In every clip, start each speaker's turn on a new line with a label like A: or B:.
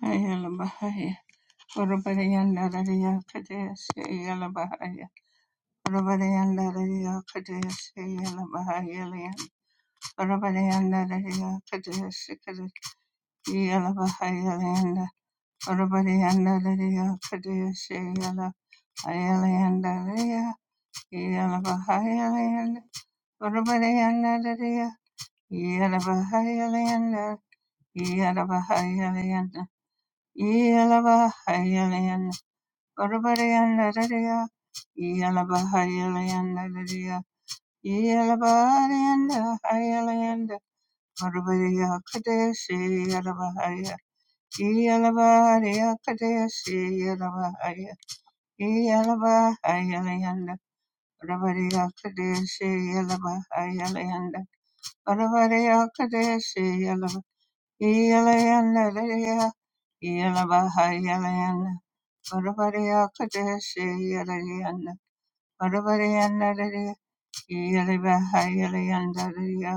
A: Ayala Bahaya, Urubadianda Radia Kadesh, Ayala Bahaya, Urubadianda Radia Kadesh, Ayala Bahaya Land, Urubadianda Radia Kadesh, Ayala Bahaya Land, Urubadianda Radia Kadesh, Ayala Ayala Radia, Ayala Bahaya Land, Urubadianda Radia, Ayala Bahaya Land, Ayala Bahaya Land, Ayala Bahaya Orabariyandariya, Iyalabahariyandariya, Iyalabariyanda, Hariyanda, Orabariya Kadeshi, Yalabahaya, Iyalabariya Kadeshi, Yalabahaya, Iyalabahariyanda, Orabariya Kadeshi, Yalabahariyanda, Orabariya Kadeshi, Yalaba, Iyalayandariya, Iyalabahariyanda, Orabariya Kadeshi, Yalayanda, Orabariyandarariya, Iyalabahayalayandarariya,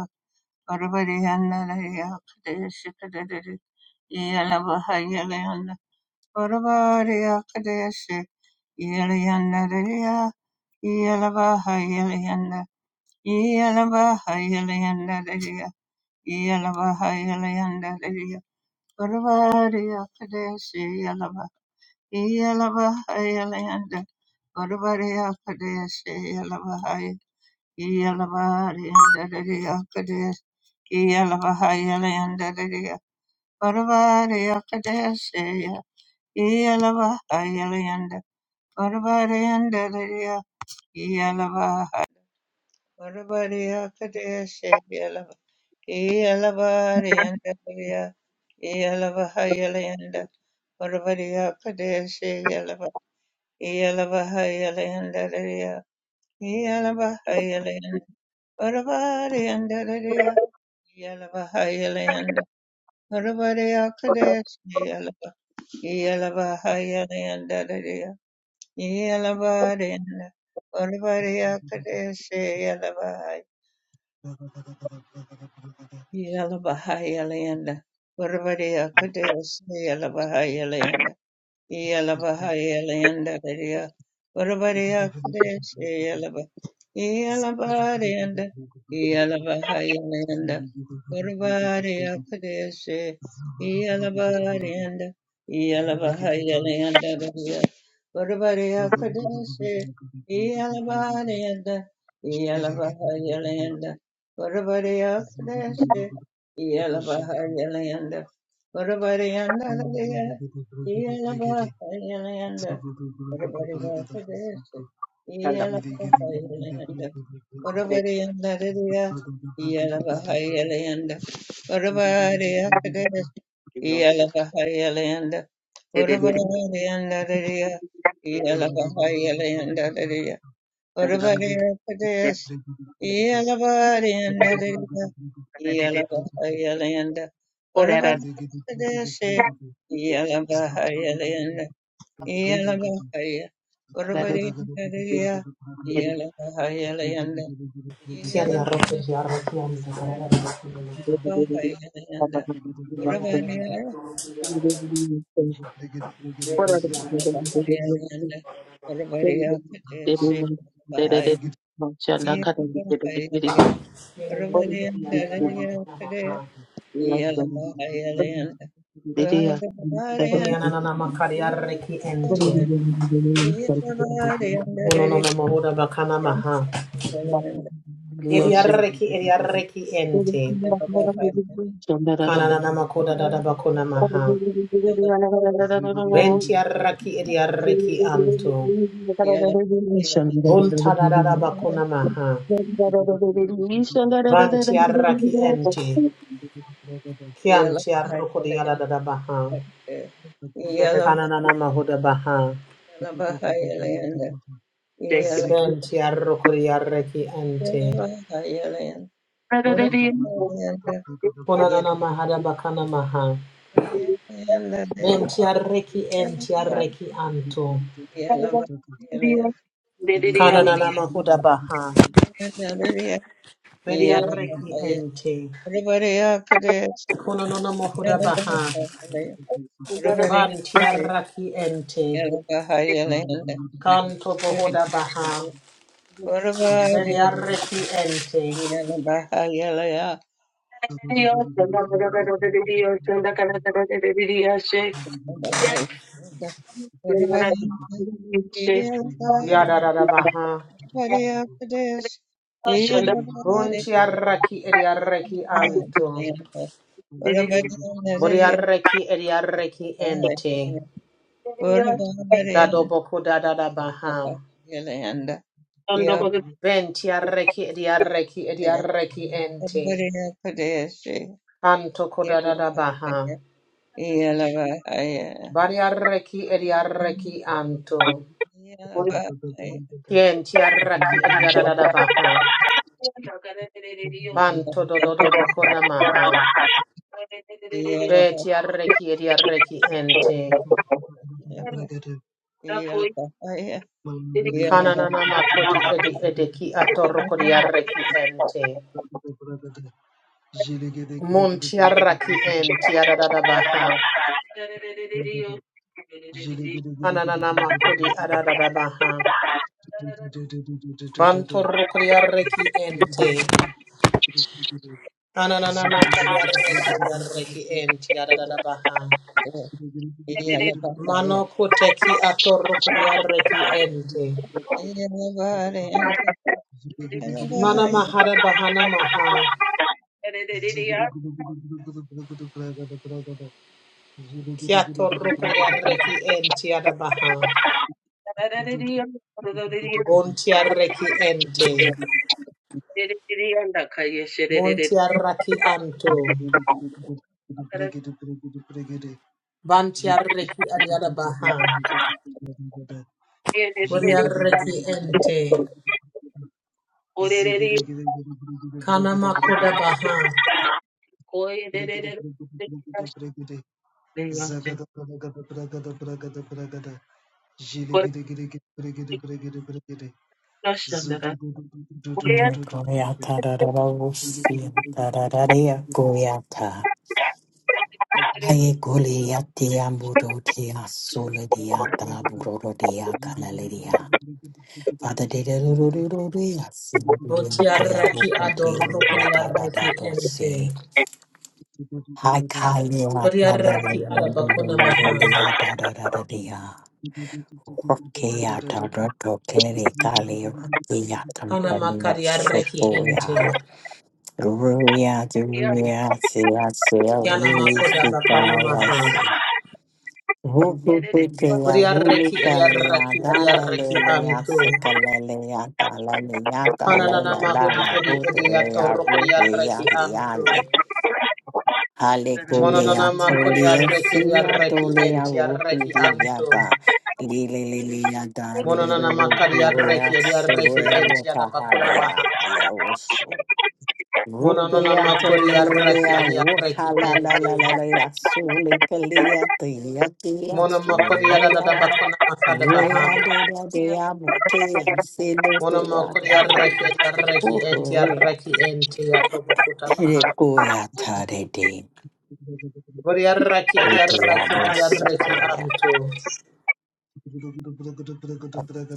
A: Orabariyandarariya, Kadeshikadadari, Iyalabahayalayanda, Orabariya Kadeshi, Iyalayandarariya, Iyalabahayalayanda, Iyalabahayalayandariya, Iyalabahayalayandariya, Orabariya Kadeshi, Iyalaba, Iyalabahayalayanda, Orabariya Kadeshi, Yelaba Hay. Yalabari and Daddy Alcades, Yalabahayala and Daddy, Parabari Alcades, Yalabahayala and Parabari and Daddy, Yalaba, Parabari Alcades, Yalaba, Yalabari and Daddy, Yalabahayala and Parabari Alcades, Yalaba, Yalabahayala and Daddy, Yalabahayala and Parabari and
B: Stand up.
A: Yalabahayalayanda. Urvareyakadesi yalaba. Yalabahayalayandadadaya. Yalabarenda.
C: Zugu
A: Urvareyakadesi yalabahaya. Yalabahayalayanda. Urvareyakadesi yalabahayalayanda. Yalabaha Yalayanda Daria Varabaria Kadesh Yalaba Yalabarianda Yalabaha Yalayanda Varabaria Kadesh Yalabarianda Yalabaha Yalayanda Daria Varabaria Kadesh Yalabarianda Yalabaha Yalayanda Varabaria Kadesh Yalabaha Yalayanda Varabaria Yalabahayalanda,
B: Stand up. Yourself.
A: Yalabahayalanda,
B: Did it, did it. Did it, did it. Stand up. Did it, did it. Or that, that. Did it,
C: Zagada
B: did it.
A: Iyalabahaya,
B: Did it, did it.
A: Urvarindariya,
B: Did it, did it.
A: Iyalabahayalayanda,
D: Kiari
B: Yourself.
D: arroz
A: Iyalabahaya,
D: eri arrokian da gara da bakure
B: Did
D: mata.
B: it, did it. Or
A: Iyalabahayalayanda,
B: that, that. Did it, did
D: Kiari
B: it.
D: arroki
A: Urvariya,
D: kuruki gara
B: Did it, did it.
D: da
B: Did it, did it. Stand up. Did it, did it. Did it.
D: bakure
B: Or that,
D: eri
B: that.
D: arroki
A: Iyalabahayalayanda, Urvariya, Kadesi,
D: onana
A: Bahaya, Iyalabahayalayanda,
D: kiere neki eri
B: Did it,
C: Zig
B: did it.
A: Urvarindariya,
D: bakuna maha.
A: Kadaya,
B: Yourself. Thank
A: Iyalabahayalayanda, Urvariya,
D: Kuni ananana makari arreki ente.
A: Iyalabahayalayanda, Iyalabahayalayanda,
D: Kunono na
A: Urvariya,
D: mahuda bakana maha.
A: Iyalabahayalayanda,
D: Yeri
B: you.
D: arreki eri
A: Urubadiyanda,
D: arreki ente. Kananana makoda da
A: Everybody,
D: bakuna maha. Venti arraki eri arreki anto. Vunta dada bakuna maha. Vanti arraki ente. Kianti arroko di dada da da baha. Kananana Mahuda Baha. Benti Arrokori Arreki Ente. Konanana Mahada Bakana Maha. Benti Arreki Enti Arreki Anto. Kananana Mahuda Baha. Beri Arreki Ente. Konanana Mahuda Baha. Banti Arraki Ente. Kanto
A: Yeah.
D: Bohoda Baha. Beri Arreki Ente. Yadada Baha. Bunti Arraki Eri Arreki Anto. Boriareki ediareki ente.
C: Thank
D: Dadoboko dadada baha. Ventiareki ediareki ediareki ente. Anto kodadada baha. Bariareki ediareki anto. Kientiareki ediadada baha. Banto dodoboko namaha. Vetiareki ediareki ente.
A: Yeah.
D: Kananana makodi edi edeki atoroko diareki ente. Muntiaraki ente yadada baha.
C: you. Ziggy,
D: Ananana kodi adada baha. Bantor kodi arreki ente. Ananana makari arreki odi arreki ente adada baha. Mano koteki ator kodi arreki ente. Mana mahara bahana maha. Kia torro kodi arreki ente adada baha. Bonti arreki ente. Monti arraki anto.
C: Ziggy
D: Banti arreki adiada baha. Bodi arreki ente. Kanama koda baha.
E: Mikoyata Rarabusi Tararea Goyata. Aye Goliati Ambudotia Solidiata Burodiya Galaleria. Father, de de do do do do do ya
C: Thank you.
E: sin de de de ya bo
D: Votiaraki
E: ko de
D: adoro
E: la da da da
D: kodiaraki
E: bo se.
D: ente.
E: Hai kai le la da la da
D: Kodiaraki
E: da da da
D: adabakona
E: da da
D: maha.
E: le la da da da da de ya. Roke ya da da do ke le ka le roke ya tam
D: Kana
E: tam ya so
D: makariaraki ente.
E: Hallelujah.
D: Yana makoda bakana maha. Kodiaraki ediaraki ediaraki anto. Kana nana mahudi edi ediatoro kodiaraki anto. Mononana makodiaraki ediaraki ente yaraki anto. Mononana makariaraki ediaraki ente yadabakona Mononona
E: Ekoyata
D: makori yarraki yarraki ente. Mono makori yarada bakona makada baha.
E: da dea, butia, sido
D: Mono makori
E: deata,
D: yarraki yarraki ente
E: uhuria.
D: yarraki ente yatobokuta baha.
E: Recuiata de de,
D: Vori yarraki
E: rutia
D: yarraki yarraki
E: bosicoia.
D: anto.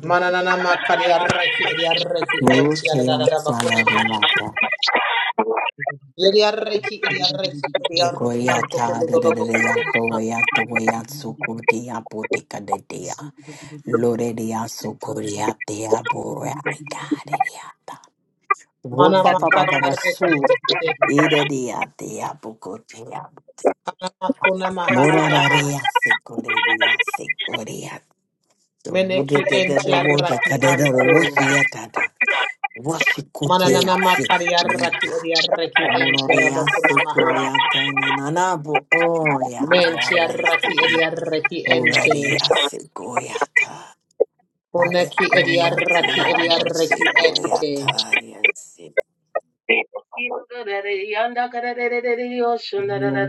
D: Mananana makari yarraki yarraki ente
E: Rutia
D: yarada bakona maha.
E: saladinata,
D: Yeri yarraki
C: Thank
D: yarraki yarrukunto
E: ecoiata da da
D: kododo
E: da
D: bakona
E: yato
D: maha.
E: yato yatsuko de apotika de dea. Lorelia socoria te abora gariata.
D: Mana
E: Wofa papa
D: makari
E: papa
D: yarraki
E: su
D: ente.
E: ida
C: you.
E: dia te abocotia.
D: Mana makona mahada baha.
E: Moraria secoria secoria. The woody
D: Meneki
E: did
D: enti
E: the water
D: arraki
E: cadero was
D: anto.
E: yatata. Washikutia
D: Mananana
E: se
D: makari arraki
E: yiga.
D: edi arraki enti
E: Mororia
D: arabakuna maha.
E: secoyata nananabo. Oh ya ya
D: Menti
E: ya.
D: arraki edi arraki ente.
E: Moraria secoyata.
D: Koneki edi
E: Hallelujah,
D: arraki edi
E: Tiamo
D: arraki
E: Sequoia
D: ente.
E: Tarias,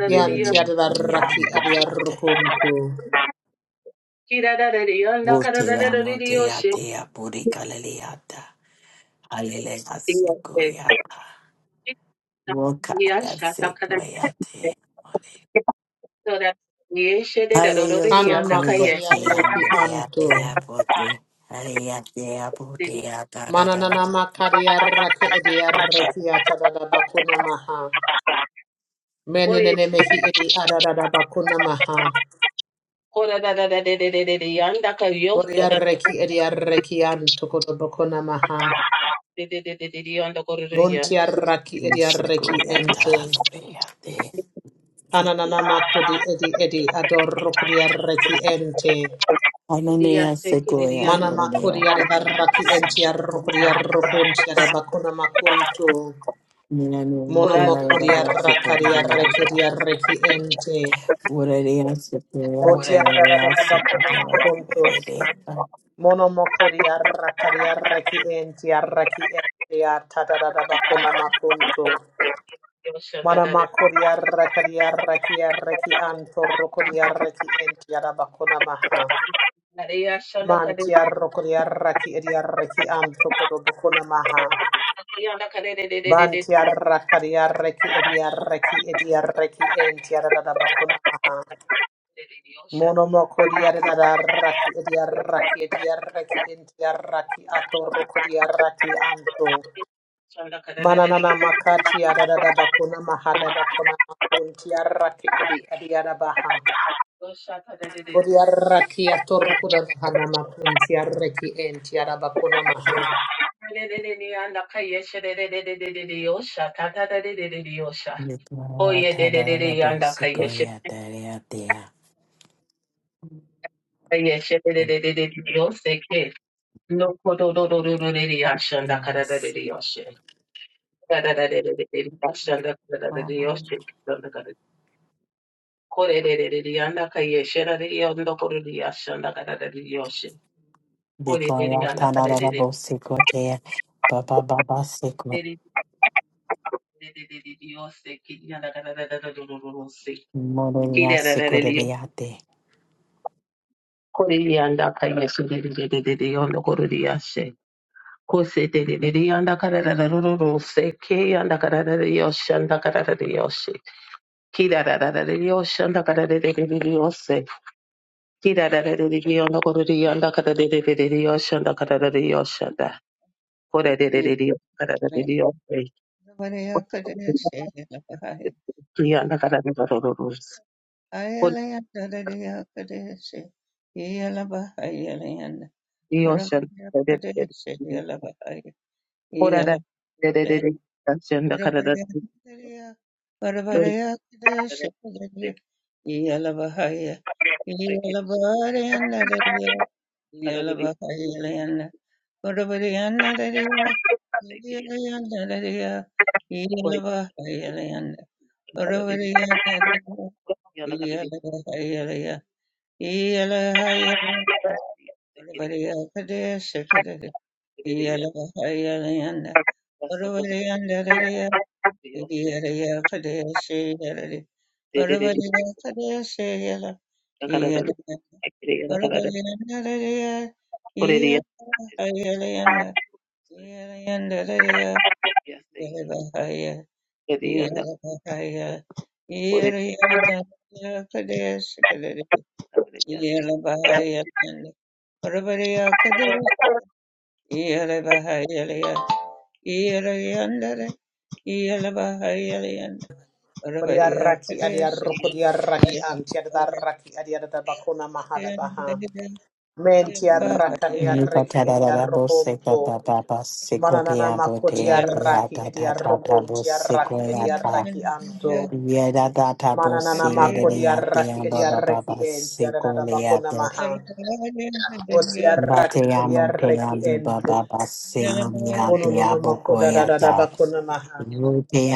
D: Yanti arraki edi
E: Yamate, te.
D: arrukunto.
E: Tea Tea Puricaliata, Hallelujah Sequoia, Vocaya Sequoia Tea Mone. Ayayo
D: Kana
E: Sequoia
D: makori
E: Tea
D: arraki
E: Monea
D: anto.
E: Tea Pote, Hallelujah Tea Potea Tarara,
D: Mananana makari arraki edi arraki atadada bakuna maha. Menenene mehi edi adadada bakuna maha. Boriarreki ediarreki antokodobokona maha. Buntiarraki ediarreki
E: Sequoia ta,
D: ente.
E: pote, a te.
D: Anananamakudi edi edi adorokodiarreki ente.
E: Hallelujah, Sequoia, Gloria,
D: Manamakodiarraki
E: Dios.
D: entiarrokodiarrokuntiarabakona makuntu.
E: Mira, mira, te la de la bolsa por el
D: Monomokodiarrakadiarreki
E: diablo.
D: ediarreki ente.
E: Gloria, Sequoia, Gloria,
D: Botiarrabakona
E: Sequoia,
D: makuntu.
E: Bebedea.
D: Monomokodiarrakadiarreki entiarraki ente. Tadadabakona makuntu.
B: Yoshanda
D: Mana
B: da da
D: makoria rakaria rakia raki anto rokoria raki entiara bakona maha.
B: da de yashanda ka de
D: Mantia rokoria raki edia raki anto kodo bakona maha.
B: yanda ka de de de de de de
D: Bantia rakaria raki edia raki edia raki entiara da bakona maha.
B: de de yoshanda.
D: Mono mokoria da raki edia raki edia raki entiara raki ato rokoria raki anto.
B: Yoshanda ka de de de de
D: Mananana makati yada bakuna mahada bakuna makunti yaraki edi edi yada baha.
B: yoshanda de de de de.
D: Boriaraki atorkuda bahana makun tiaraki en tiarabakuna maha.
B: De de de de yanda ka yeshe de de de de de de de yoshanda ta ta de de de de yosha.
E: Mi gloria,
B: Oye de
E: te
B: de
E: la
B: de
E: de
B: de
E: la bolsa,
B: yanda ka yeshe.
E: Sequoia, Gloria, Dea.
B: Yoseke. No kodo do do do do de yashanda karada de
E: Yes.
B: yoshe. Kada da da de de de yashanda da kada da de yoshe. Kada kada. Kore de de de yanda kaye shera de yondo kore de yashanda da kada da de yoshe.
E: Mi
B: Kore de de
E: gloria,
B: yanda
E: te la
B: kada
E: de
B: de
E: la
B: de
E: bolsa, Sequoia, Baba, Baba, Sequoia,
B: de de de de de yoshe. Kiri yanda karada da da da do do do do se. Kiri
E: Gloria,
B: da da da de de.
E: Sequoia,
B: Kore yanda kaye shera de de de de de yondo kore de yashe. Kosetelelele yanda kararara rororo seke yanda kararara yoshe yanda kararara yoshe. Kirarararara yoshe yanda kararara yoshe. Kirarararara yanda kororo yanda kararara yoshe yanda kararara yoshe yanda. Korererere yanda kararara yoshe. Yanda kararara ro ro ro se. Korerere yoshe yanda kararara yoshe. Korererere yoshe yanda kararara yoshe.
A: Yeah.
B: Korererere yoshe.
A: Yeah.
D: Boriaraki adiaroko diaraki
A: Yeah.
D: an tiadaraki adiadabakuna mahada baha. Men tiaraka
E: Yada Rote
D: diaraki ediarokonto. Mananana makoti araki ediarokon tiaraki ediaraki anto. Mananana makodi araki ediaraki en tiadabakuna maha. Otiaraki ediaraki ente. Ono no no makoda da da da bakuna maha.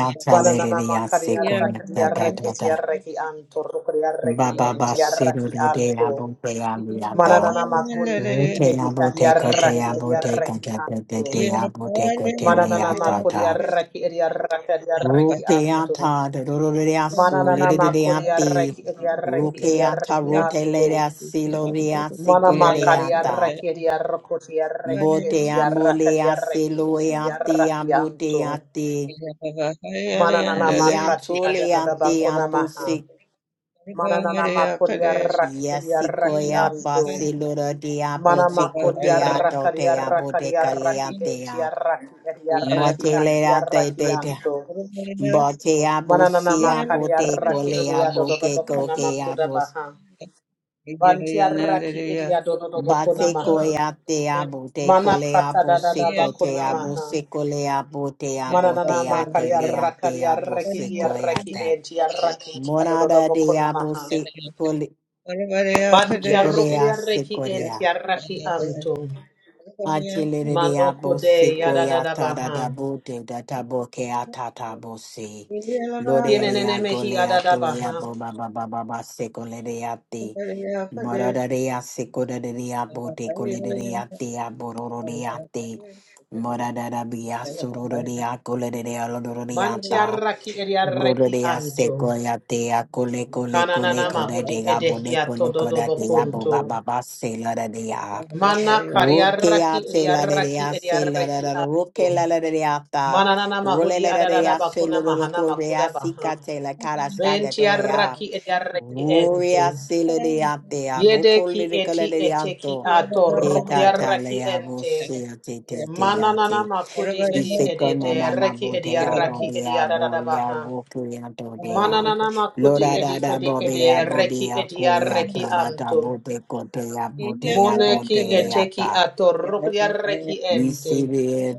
E: ata
D: Bananana
E: lerere ya
D: makari
E: seko na
D: arrakati
E: ta ta ta
D: arraketi
E: ta.
D: arraki anto rukri arraki
E: Baba ba
D: enti
E: sero
D: arraki
E: rode ya
D: anto.
E: bote ya
D: Mananana makuri
E: Te
D: edi edi
E: amo,
D: adi
E: te co, te
D: arraki edi
E: amo, te co,
D: arraki
E: te te te
D: anto.
E: te amo, te co, te le
D: Mananana
E: ata
D: makuri
E: ta.
D: arraki edi arraki edi arraki
E: Ruke
A: Yeah.
D: anto.
E: ata, de do do de aso, le
D: Mananana
E: de de
D: makuri
E: ati.
D: arraki edi arraki edi
E: Ruke ata,
D: arraki
E: rote le de
D: anto.
E: asi, lo de asi,
D: Mana
E: cole de
D: makari
E: ata.
D: arraki edi arrakoti arraki
E: Bote
D: enti
E: amo le
D: arrakati
E: asi,
D: arraki
E: lo e
D: enti
E: ati,
D: arraki
E: amo
D: anto.
E: te ati.
D: Mananana makati
E: Biato le ati,
D: adadadabakona
E: apo
D: maha.
E: si.
D: Manana makoria rakiria
E: Yasiko e
D: raki
E: apa,
D: anto.
E: si lo de apo,
D: Mana
E: si co
D: makoria
E: te ato,
D: rakaria
E: te amo, te
D: rakaria
E: cale
D: raki
E: ate.
D: entia raki eria raki antia
E: Motilera te
D: raki
E: te te.
D: anto.
E: Botea
D: Manana
E: busia
D: makaria
E: bote
D: raki
E: colea
D: eria dodo
E: boke
D: bokona
E: cokea
D: makuda
E: bus.
D: baha. Bantia raki eria dodo bokona
E: Bate
D: maha.
E: coia tea bote
D: Mana
E: colea
D: kata dadada
A: Yeah.
E: busico
D: bakona
E: tea
D: maha.
E: busicolea botea
A: Yeah.
D: Manana
E: botea
D: makaria
E: telea
D: rakaria
E: tea
D: raki dia
E: busicoia
D: raki
E: te.
D: entia raki eria dodo
E: Morada
D: bokona
E: dea
D: maha.
E: busi coli.
D: Ban tiarukri arreki en
E: Icorea
D: tiaraki antum.
E: Atilere
D: Mano
E: abose
D: kude yadadada
E: koyata da
D: baha.
E: da bote da tabo ke atata bose. Lorere
D: Kienenene mehi
E: agole
D: adada
E: atoya
D: baha.
E: boba baba baba sekolere ate. Morare asekolere abote kolere ate aborore ate. Morada bia surore akolere alorore
D: Man
E: ata.
D: tiaraki
E: Urore
D: eriareki antum.
E: asekoyate akole kole kole
D: Kananana
E: kore
D: mahudi
E: de abone
D: edehia
E: kole
D: tododo
E: kore de aboba
D: bokunto.
E: baba selere
D: Mana kariaraki
E: Rukeate la de
D: eriaraki
E: dea se la la
D: eriareki
E: la da ruke
D: antum.
E: la la de deata.
D: Mananana
E: Rule
D: mahudi
E: la da
D: adadada
E: dea se
D: bakuna
E: lo do
D: mahana
E: korea
D: makuda baha.
E: sika te la cara ska
D: Ben
E: da doya.
D: tiaraki
A: Yeah.
D: eriareki
E: Ruria
D: ente.
E: se la
A: Yeah.
E: deatea.
D: Yede
E: Boko
D: ki
E: lirica te
D: eti ete ki
E: kata
D: ato rukri
E: Tekata
D: araki
E: lea bo
D: ente.
E: se a te te te ya
D: Mananana
E: teate.
D: makudi
E: si
D: edi
E: se kona
D: edete
E: nana
D: reki
E: bo
D: edi
E: dea
D: araki edi
E: bobea ya
D: aradabaha.
E: rukia do dea.
D: Mananana makudi
E: Lora da
D: edi
E: da
D: edi
E: bobea
D: ede reki
E: bobea
D: edi
E: ya
D: araki
E: ta da da
D: anto.
E: bo te kotea bo te ya bo te
D: Moneki
E: le
D: eteki
E: leata.
D: ato rukri araki
E: Isi
D: ente.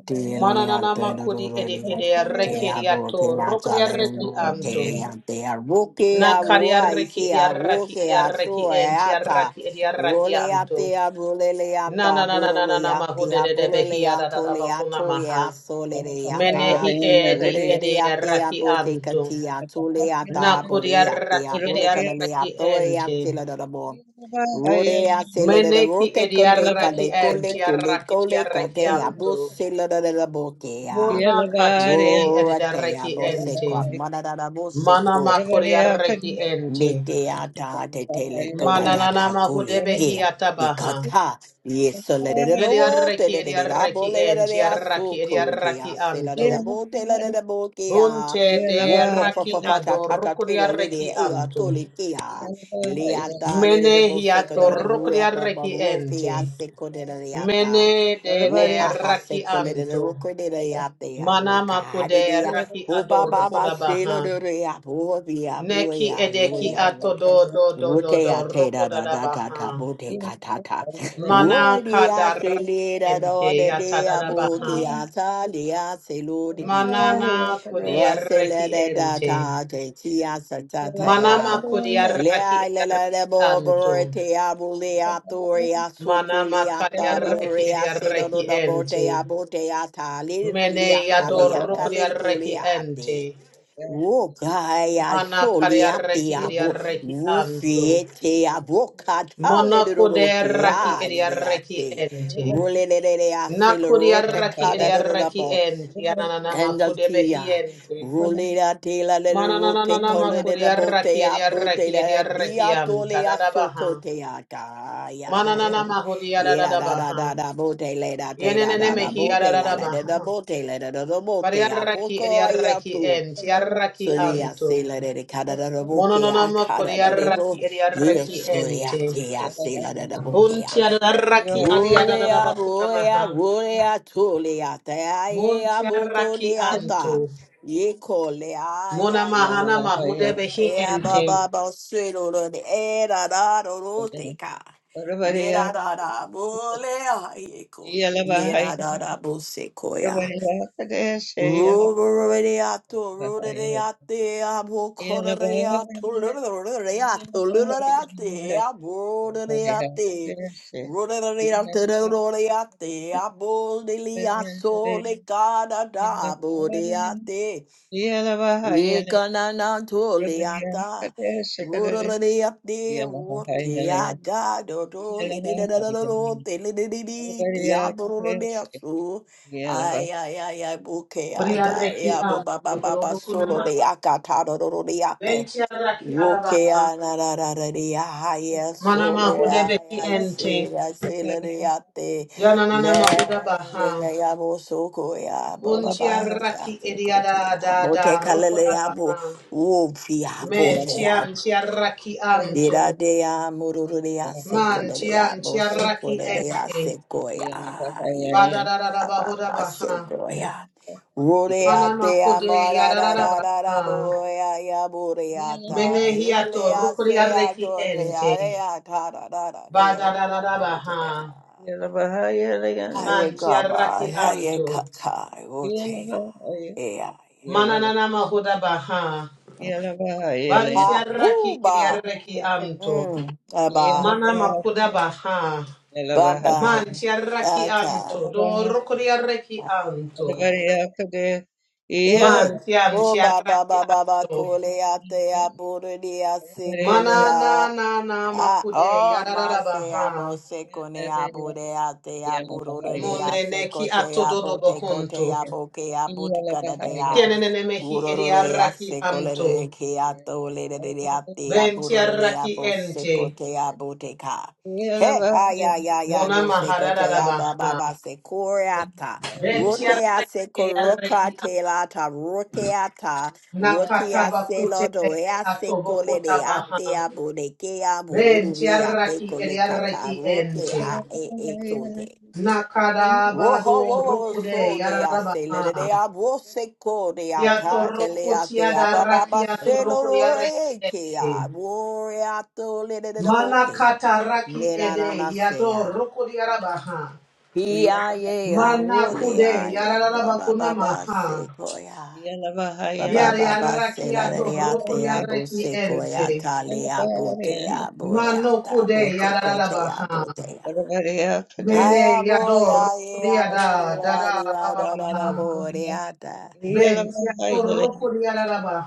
E: te
D: Mananana makudi edi ede reki
E: te
D: edi
E: abo
D: ato
E: te
D: rukri
E: achalene
D: araki
E: no
D: anto.
E: teliante arbuke abo
D: Nakari araki
E: isi
D: edi
E: abo
D: araki
E: ke
D: edi araki
E: aso
D: ente
E: ata
D: araki edi araki
E: wole ate
D: anto.
E: abule le
D: Na
E: ata
D: na na na
E: buro
D: na na
E: le
D: na
E: ate
D: mahude de de
E: abule le
D: behi ada da
E: ako
D: da
E: le
D: bakuna
E: ako ye
D: maha.
E: aso le le ata
D: Menehi edi
E: wole le
D: edi arraki antu. Nakuri arraki edi arraki ente.
E: Thank you. Rode a sailor de
D: Meneki
E: rote
D: edi
E: cote
D: arraki
E: cade cole
D: enti
E: cole
D: arraki ti
E: cole
D: arraki
E: cote a bus
D: antu.
E: busela de la boquea.
D: Muna kati
A: Yeah.
D: edi edi
E: Roratea
D: arraki
E: bose
D: ente.
E: quad manada
D: Mana makuri arraki ente.
E: Metea te de tele coda
D: Mana
E: da
D: na na
E: ta gule
D: mahude behi
E: ke.
D: atabaha.
E: Ikata, yesole de de it
D: Yedi
E: te
D: arraki
E: de
D: edi
E: de de da bo
D: arraki
E: le da da
D: enti
E: de a so
D: arraki edi
E: co te a
D: arraki
E: se la da da
D: antu.
E: bo te la da da bo ke a.
D: Bunte
E: Wo
D: de
E: fo fo
D: raki
E: fo fo ta ta ta te
D: adorukria
E: la le
D: reki
E: de e a
D: antu.
E: to le ke a. Le ata le de
D: Mene
E: de bo se co da da bo re a
D: hiatorukria
E: ba ba
D: reki
E: bo fe
D: ente.
E: a se co de da de a
D: Mene de de
E: Wohaha
D: raki
E: sekole de
D: antu.
E: roko rokodere yate ya de ya,
D: Mana makude
E: mokahade de ya
D: raki
E: bo ba ba ba,
D: adorukuda baha.
E: selo de de ya bobi ya
D: Neki
E: boya
D: edeki
E: boya
D: ato
E: boya
D: do do do do
E: rote
D: do
E: ya te da
D: rukuda
E: da
D: da
E: da da
D: baha.
E: da bote katata
D: Mana
E: rodi ya
D: kadar
E: se le da da
D: ente
E: de de
D: yatada
E: ya
D: da
E: bo
D: baha.
E: ke ya ta sali ya selo de de ka
D: Manana kudia
E: rosele
D: reki
E: de da
D: ente.
E: da te ti ya sa ta ta
D: Manama
E: ya
D: kudia raki
E: Lea lela de bo
D: antu.
E: borete abule atori
D: Mana
E: asukuli
D: makaria
E: ata
D: reki
E: bore
D: idia
E: asedo do
D: reki
E: da bote
D: ente.
E: abote ata lili
D: Mene
A: Yeah, Yalla
E: akali
A: bahaya,
D: yadoro kuria
E: akali kuli
D: reki
E: ate.
D: ente.
E: Wo gaya
D: Mana
E: soli
D: karia
E: ate
D: reki idia
E: abo
D: reki
E: ufi
D: anto.
E: ete abo katale
D: Mona
E: do do do
D: kude
E: te
D: raki
E: ade
D: idia
E: de
D: reki
E: ate.
D: ente.
E: Rule de de de ase lo
D: Nakuria
E: rote
D: raki
E: kada
D: idia
E: do do da
D: reki
E: bo
D: ente. Ananana
E: and the
D: makude behi
E: tia
D: ente.
E: rolera tela de rote
D: Mananana
E: colere da
D: makuria
E: bote
D: raki
E: a
D: idia
E: bote
D: reki
E: da
D: idia reki
E: bia
D: anta.
E: a soco
D: Dadabaha.
E: te a ta ya ya ya
D: Mananana mahudia
E: lera da da da
D: dadabaha.
E: da bote lera te da
D: Yenene
E: da da
D: mehi
E: bote lera da da
D: dadabaha.
E: bote lera da da bote a
D: Variarraki
E: poco ai
D: eriarraki
E: tu
D: enti, arraki
E: Solia
D: anto.
E: sela de cada da da boke a
D: Monononama
E: cada da de bo
D: kuriarraki eriarraki
E: yes solia
D: enti.
E: te a sela da da boke a.
D: Buntiarraki
E: Rorea, rorea,
D: adiadadadabakunamaha.
E: rorea, tolea, taia, boko
D: Buntiarraki
E: de ata,
D: anto.
E: ye cole, ay, ay, ay,
D: Monamahana
E: ay, cole.
D: mahudebehi
E: Ea
D: enti.
E: baba basuero de era da roteca. Lera da da bole ayeco.
A: yalla bahaya,
E: Mena da da bosecoia.
A: kadeh she yalla
E: Rubereato,
A: bahaya,
E: rubereate,
A: Yeah,
E: abocoreato, rubereato, rubereate, aboreate, rubereate, rubereate, abodeliaso, lecada, aboreate. Yekananatoliata. Rororiate, roteada, dodo, lididadododote, lidididi, diaborodeasu. Ay, ay, ay, ay, bukeada,
D: Variarraki
E: ea, ba, ba,
D: anto.
E: solo de
D: Dorobokunamaha.
E: akata, dodoriate.
D: Bentiarraki adabaha.
E: Rokea na na na na de ya haya sole ya
D: Manamahudebehi
E: ya
D: enti.
E: se ya se la de ya te
D: Yananana
E: le ya
D: mahudabaha.
E: ya ya bo so ko ya ba ba ba ya
D: Buntiarraki
E: se ko ya bo te
D: eriadadada.
E: kala ya bo
D: Rukodabaha.
E: wo fi ya fo
D: Men
E: se
D: tian tiaraki anto.
E: Iradea murururea
D: Man
E: sekolerea
D: tian
E: bo
D: tiaraki
E: sekolerea
D: ente.
E: sekoya.
D: Badarada
E: Baba
D: bahoda
E: ba
D: baha.
E: sekoya. Rurea
D: Mana
E: te
D: makude
E: amora ra
D: yadarada
E: ra ra ra
D: baha.
E: boya ya bureata.
D: Mene hiato
E: Elea se
D: rukuriareki
E: agotea
D: ente.
E: rea ta ra ra ra rea
D: Badarada
E: botea.
D: baha.
E: Aye
D: Man
E: gaba,
D: tiaraki
E: aye
D: anto.
E: kaka, otea, ea,
D: Mananana mahoda baha.
E: ea.
D: Ban
E: Ah, ooh,
D: tiaraki
E: ba.
D: yareki anto.
E: Mm, aba.
D: Mana makuda baha.
E: Baba,
D: Man tiaraki anto.
E: Ata,
D: Do
A: Yeah.
D: rukuriareki anto.
E: Aiko. Hey,
D: Man tiam
E: Bo Baba
D: tiaraki
E: Baba Baba
D: anto.
E: Kolea Tea
D: Mana
E: Burudia
D: na na na
E: Ah,
D: makude
E: oh, ma se abo
D: yararabaha.
E: se kone abo de ate abo roro de
D: Mone
E: ase
D: ne ki
E: kote
D: ato dodo
E: abo te
D: bokonto.
E: kote abo ke abo te de a.
D: Tienene mehi
E: Uroro de
D: eriaraki
E: ase kole
D: anto.
E: de ke ato le de de ate
D: Ben
E: abo roro de
D: tiaraki
E: abo se
D: ente.
E: kote abo te ka. He, ay, ay, ay, ay,
D: Mona
E: bo se kote aba ba
D: mahararabaha.
E: ba se koreata.
D: Ben
E: Rote
D: tiaraki
E: ase koroka
D: eriaraki anto.
E: te lata rote ata.
D: Nakata
E: Rotia
D: bakute
E: selo
D: neki
E: doea se
D: ato
E: cole
D: bokota
E: de
D: baha.
E: atea bodekea
D: Ben
E: bururia te
D: tiaraki
E: cole
D: eriaraki
E: cacarote
D: ente.
E: a e e tote.
D: Nakada
E: Roho wo
D: bado
E: wo wo
D: rukude
E: so de a sele de
D: yararabaha.
E: de a wo se co de a
D: Kia
E: catele
D: toroko
E: a te
D: tia
E: a ba ba
D: daraki
E: bababa
D: ya
E: selo
D: toroko ya
E: roe ke
D: rekete.
E: a worea le de de
D: Mana
E: bote.
D: kata raki ede
E: Merana
D: ya
E: sea.
D: toroko ya rabaha.
E: Ia ye a
D: Mana
E: wole
D: kude
E: a
D: ya
E: ye ba
D: raraba
E: ba
D: kuna
E: ba ba
D: maha.
E: se koya.
D: Ya
E: Rababa
D: ya raki ya toroko
E: Selariate
D: ya
E: Abu
D: reki ente.
E: Sequoyata Leabutea
D: Mano
E: Boreata
D: kude ya raraba
E: Botecotea
D: ha.
E: Botea.
D: Mene
E: Haya
D: ya
E: boya
D: toroko
E: ya
D: ya da da
E: borea
D: da
E: ya da
D: baba
E: da da
D: ha.
E: boreata.
D: Ben ya toroko ya raraba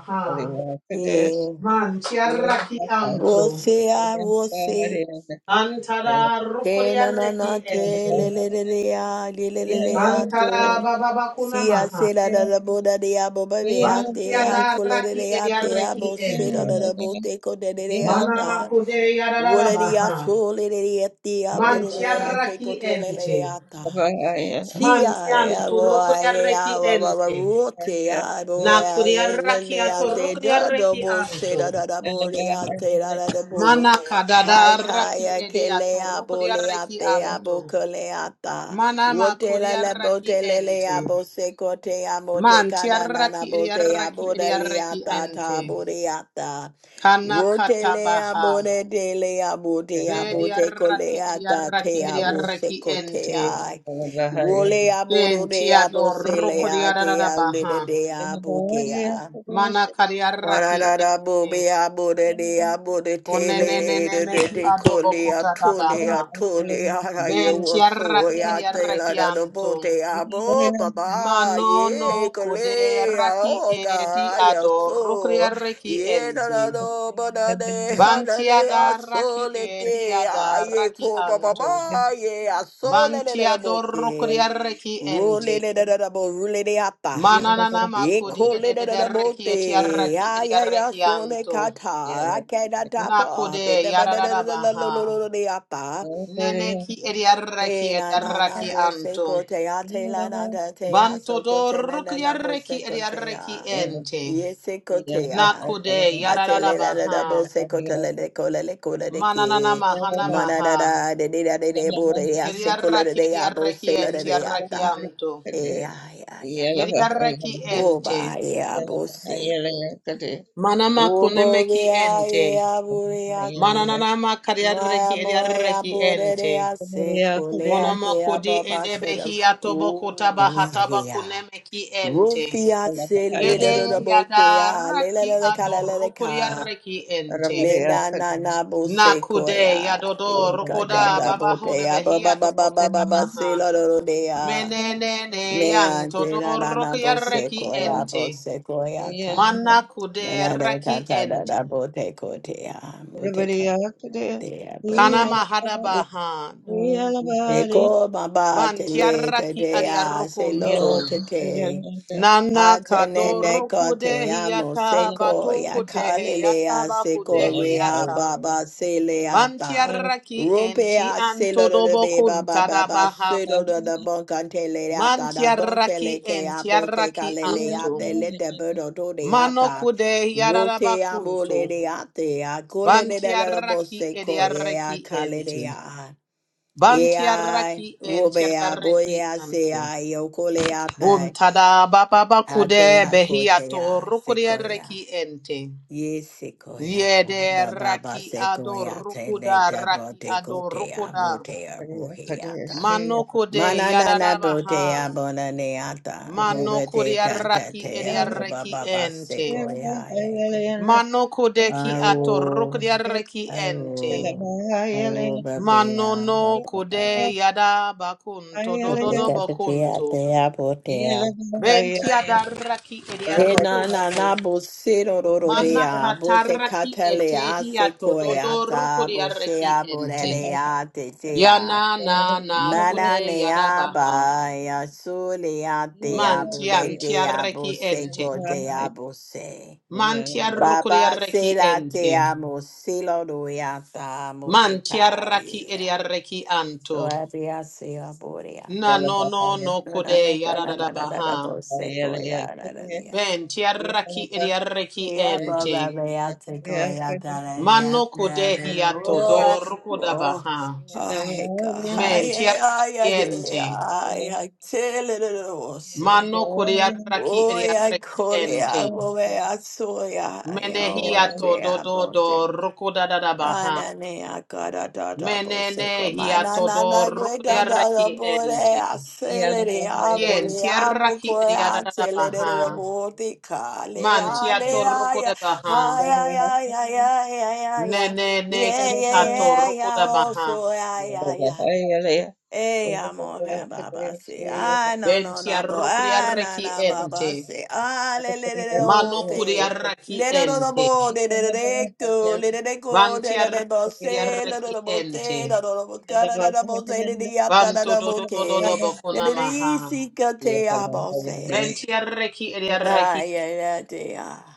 E: Yeah.
D: Man tia raki anto.
E: Wose I wose.
D: Antada
E: Te na
D: rukuria
E: na na
D: reki
E: te le
D: ente.
E: le le le ya le le le le ya
A: Yeah.
D: Antada
E: to.
D: bababa
E: Si a
D: kunamaha.
E: se la da da bo da de ya te ya
D: Bantiada
E: ko le le
D: raki
E: le
D: edia
E: te ya
D: reki
E: se da da
D: ente.
E: da bo te ko de de
D: Manama kude yarara
E: Whatever you are Woreria
D: baha.
E: chole reria tia
D: Mantia
E: burudere a se
D: raki
E: kotole
D: ente.
E: reata.
D: Mantian
E: Chia,
D: to rukuria
E: boy,
D: reki
E: I
D: ente.
E: rote, I boy,
D: Na kuria
E: I
D: raki ato rukuria
E: leleate,
D: reki
E: double say
D: anto.
E: da da da boleate, da da da bo.
D: Mana kadada
E: Hai
D: raki
E: kaya
D: edia to
E: kelea
D: rukuria reki
E: boleate, abo
D: anto.
E: coleata.
D: Manama
E: Wote la
D: kuria
E: la
D: raki
E: bote lele
D: ente.
E: abo secote, amote
D: Man tiaraki
E: canana bote,
D: ediaraki ediaraki
E: abodaliata,
D: ante.
E: tabodeata.
D: Kana
E: Rotelea
D: katabaha.
E: bode delea bote abote
D: bediaraki
E: coleata
D: ediaraki ediaraki
E: te abo
D: idiaraki
E: secote
D: ente.
E: Role aboro
D: Ken
E: de abo
D: tiador ruko
E: sele a de a
D: diaradabaha.
E: lele de abo ke a.
D: Mana kadiaraki
E: Mararara
D: ente.
E: bobe abore de abore tele
D: Onenenene
E: de de
D: meki
E: de
D: adobo
E: cole a tole
D: kutatabaha.
E: a tole a ra ye
D: Ben
E: wo so
D: tiaraki
E: ya te la
D: ediaraki
E: da do
D: anto.
E: bote a bo baba
D: Manono
E: ye cole
D: kode
E: a
D: raki
E: o
D: edi
E: ga ya
D: ador ruko
E: so
D: diaraki
E: ye da da
D: ente.
E: do ba da de ha da
D: Bantia
E: le a
D: da
E: so le
D: e
E: ke
D: dia
E: aye
D: da
E: ko ba ba
D: anto.
E: ba ye a so le le
D: Bantia
E: da bo ke
D: dorrocoria reki
E: Rule
D: ente.
E: le da da da bo rule de apa.
D: Mananana
A: Yeah.
D: macodia de
E: Ekole
D: de
E: de
D: de
E: da
D: reki e tia
E: bote
D: raki
A: Yeah.
D: e
E: ya
D: dia
E: ya ya
D: reki
E: sole
D: anto.
E: kata, akeda
D: Nacode
E: tapa, bebe
D: yararara baha.
E: badadadadadadadadadadada yapa.
D: Nene ki e dia reki
E: Hey
D: e
E: na
D: dia
E: na na
D: raki
E: bo se
D: anto.
E: kote ya te la na da te ya
D: Banto
E: so kote na na
D: dorrocoria
E: na bo
D: reki
E: se
D: e dia
E: kote
D: reki
E: ya.
D: ente.
E: Ye se kote ya.
D: Nacode
E: Ate
D: yararara
E: le la la la bo
D: baha.
E: se kote le le ko le le ko
D: Mananana
E: ke.
D: mahana
E: Ma da da
D: maha.
E: de de da de de bo de ya
D: Yeri
E: se kole de
D: arraki
E: de
D: eti
E: ya bo
D: arraki
E: se le de
D: enti
E: de ya
D: arraki
E: ta.
D: anto.
E: Eh, ya ya ya.
D: Yeri arraki ente.
E: Oba ya bo se.
D: Manama kunemeki
E: Ubogia
D: ente.
E: ia buriate.
D: Mananama kari arraki
E: Maya
D: eti
E: moya
D: arraki ente.
E: burerea se coleate
D: Monomoko di
E: ababasedam.
D: edebehi atoboko tabahataba
E: Ubogia.
D: kunemeki ente.
E: Rufia se lida da
D: Yede
E: botea. Lela
D: yadaraki
E: la cala la
D: adorukuri
E: ca.
D: arraki ente.
E: Lena na na bo se
D: Nakude
E: coya.
D: yadodo
E: Gata
D: rukoda
E: da
D: babaho
E: botea.
D: debehi
E: Baba baba
D: atoboko
E: baba baba se
D: tabaha.
E: la rodea.
D: Menenene
E: Mea
D: yan
E: de na na na
D: todorok
E: bo se
D: yarreki
A: Everybody
E: coya
A: out
D: ente.
E: bo se
A: there?
E: coya
D: Mana
E: Na na na
D: kuderaki
E: da
D: ente.
E: da bo te ko te a bo te ka te a bo
D: Kana
A: Yeah.
E: te.
D: mahada bahan.
E: Mm. E ko ma ba
D: Ban
E: te le te
D: tiarraki
E: te
D: adiarrukuntu.
A: yeah,
D: Nana
E: Hatenene
D: kadorku
E: kote amo
D: dehiata
E: seko ya
D: batuku
A: everybody.
D: tehiata
E: kalelea
D: baku
E: seko rea
D: dehiata.
E: baba
D: Ban
E: seleata.
D: tiarraki enti
E: Rupea selo de be baba
D: antodobokunta da
E: baba
D: baha.
E: selo de the boncante
D: Man
E: leata da
D: tiarraki
E: boncele ke abote
D: entiarraki anto.
E: kaleleate lete burdo to
D: Mano
E: deata.
D: kude
E: Rote amo
D: yararabakuntu.
E: leate a cole de la
D: Bantiaraki
E: boseco ya
D: ediaraki ente.
E: kalelea. Ea,
D: Bantiaraki
E: rubea
D: entiaraki
E: boya
D: anto.
E: sea yo coleata.
D: Buntada baba
E: Hate
D: bakude behiato
E: hakotea sequoia.
D: rukudiaraki ente.
E: Ye sequoia.
D: Yede
E: Baba ba
D: raki ado
E: sequoia te le
D: rukuda
E: tabo
D: raki
E: te
D: ado
E: kotea
D: rukuda.
E: botea buheata.
D: Manokude
E: Mana na na
D: yadadabaha.
E: botea bona neata. Buddha te ta ta
D: Manokudiaraki
E: tea boba
D: ediaraki
E: baba
D: ente.
E: sequoia ego.
D: Manokude ki ato
E: Awo.
D: rukudiaraki
A: Yeah,
D: ente.
E: Awo. Awo babea
D: Manono
E: baba
A: everybody.
E: baba.
D: kude yada bakunto
A: Yeah.
E: Eko
D: dododo
E: tatea
D: bakunto.
E: tea botea.
D: Benti adaraki
E: E na na
D: ediarkunto.
E: na bo se ro ro ro re
D: Mana
E: a bo se
D: kataraki
E: katale a se
D: etehiato
E: ko e a
D: dodor
E: ta bo se
D: kudiaraki
E: a bo re
D: ente.
E: re a te te a
D: Yana na na
E: mana
D: kude
E: ne
D: yada
E: a
D: baha.
E: ba e a su le a te a bo re te a
D: Mantiantiaraki
E: bo se
D: ente.
E: ko te a bo se Baba
D: Mantiarkudiaraki
E: se la te
D: ente.
E: a mo se lo do e a ta mo te ka
D: Mantiaraki
E: e a
D: ediaraki
E: so
D: anto.
E: a be a se a bo re a
D: Na
E: ta
D: no no no
E: na na na
D: kude
E: ka
D: yada
E: na na
D: da
E: na na na
D: baha.
E: bo se ko e a na na na
D: Ben tiaraki idiaraki
E: Yeah,
D: ente.
E: Baba, they out take away out that
D: Mano
E: idea. Yeah, they know.
D: kudehiato do
E: oh, oh,
D: rukudabaha.
E: I got
D: Men
E: high,
D: tiaraki
E: I,
D: ente.
E: I, I tell it all. See,
D: Mano kudiaraki
E: oh, yeah,
D: idiaraki
E: call it
D: ente.
E: up over. I saw ya, you know, I
D: Menehiato do do
E: did.
D: do rukudadabaha.
E: Anane akara dada boseko mana
D: Menenehiato
E: na
D: do
E: na gweka dada
D: rukudiaraki
E: bore
D: ente.
A: Yeah.
E: acelere
D: Kien
E: abore
D: tiaraki
E: abokore acelere
D: idiaradabaha.
E: de bote kale
D: Man tiato
E: ale aya
D: rukudabaha.
E: aya aya aya aya aya
D: Nene ne
E: yeah
D: ki
E: yeah
D: ato
E: yeah yeah
D: rukudabaha.
E: also aya aya Hey, I'm on fire, Baba. Say, ah, no, no,
D: Ventia
E: no, bo,
D: rucria
E: ah, na,
D: reci
E: na,
D: ente.
E: Baba. Say, ah, le, le, le, le, oh,
D: Mano
E: te.
D: curia reci
E: Le, do, do, do,
D: ente.
E: bo, de, de, de, de, go, le, de, de, go, de,
D: Vantia
E: de, de, bo,
D: reci
E: se, do, do,
D: reci
E: do, bo, te, do,
D: ente.
E: do, do, bo, ka, do, do, do, bo, se, de, de, yap, da, da,
D: Vanto
E: da,
D: do
E: bo,
D: do do do do
E: ke. De,
D: bocuna
E: de, de,
D: maha.
E: si, ka, te, ah, bo, se.
D: Ventia reci eria
E: Ah,
D: reci.
E: yeah, yeah, te, ah.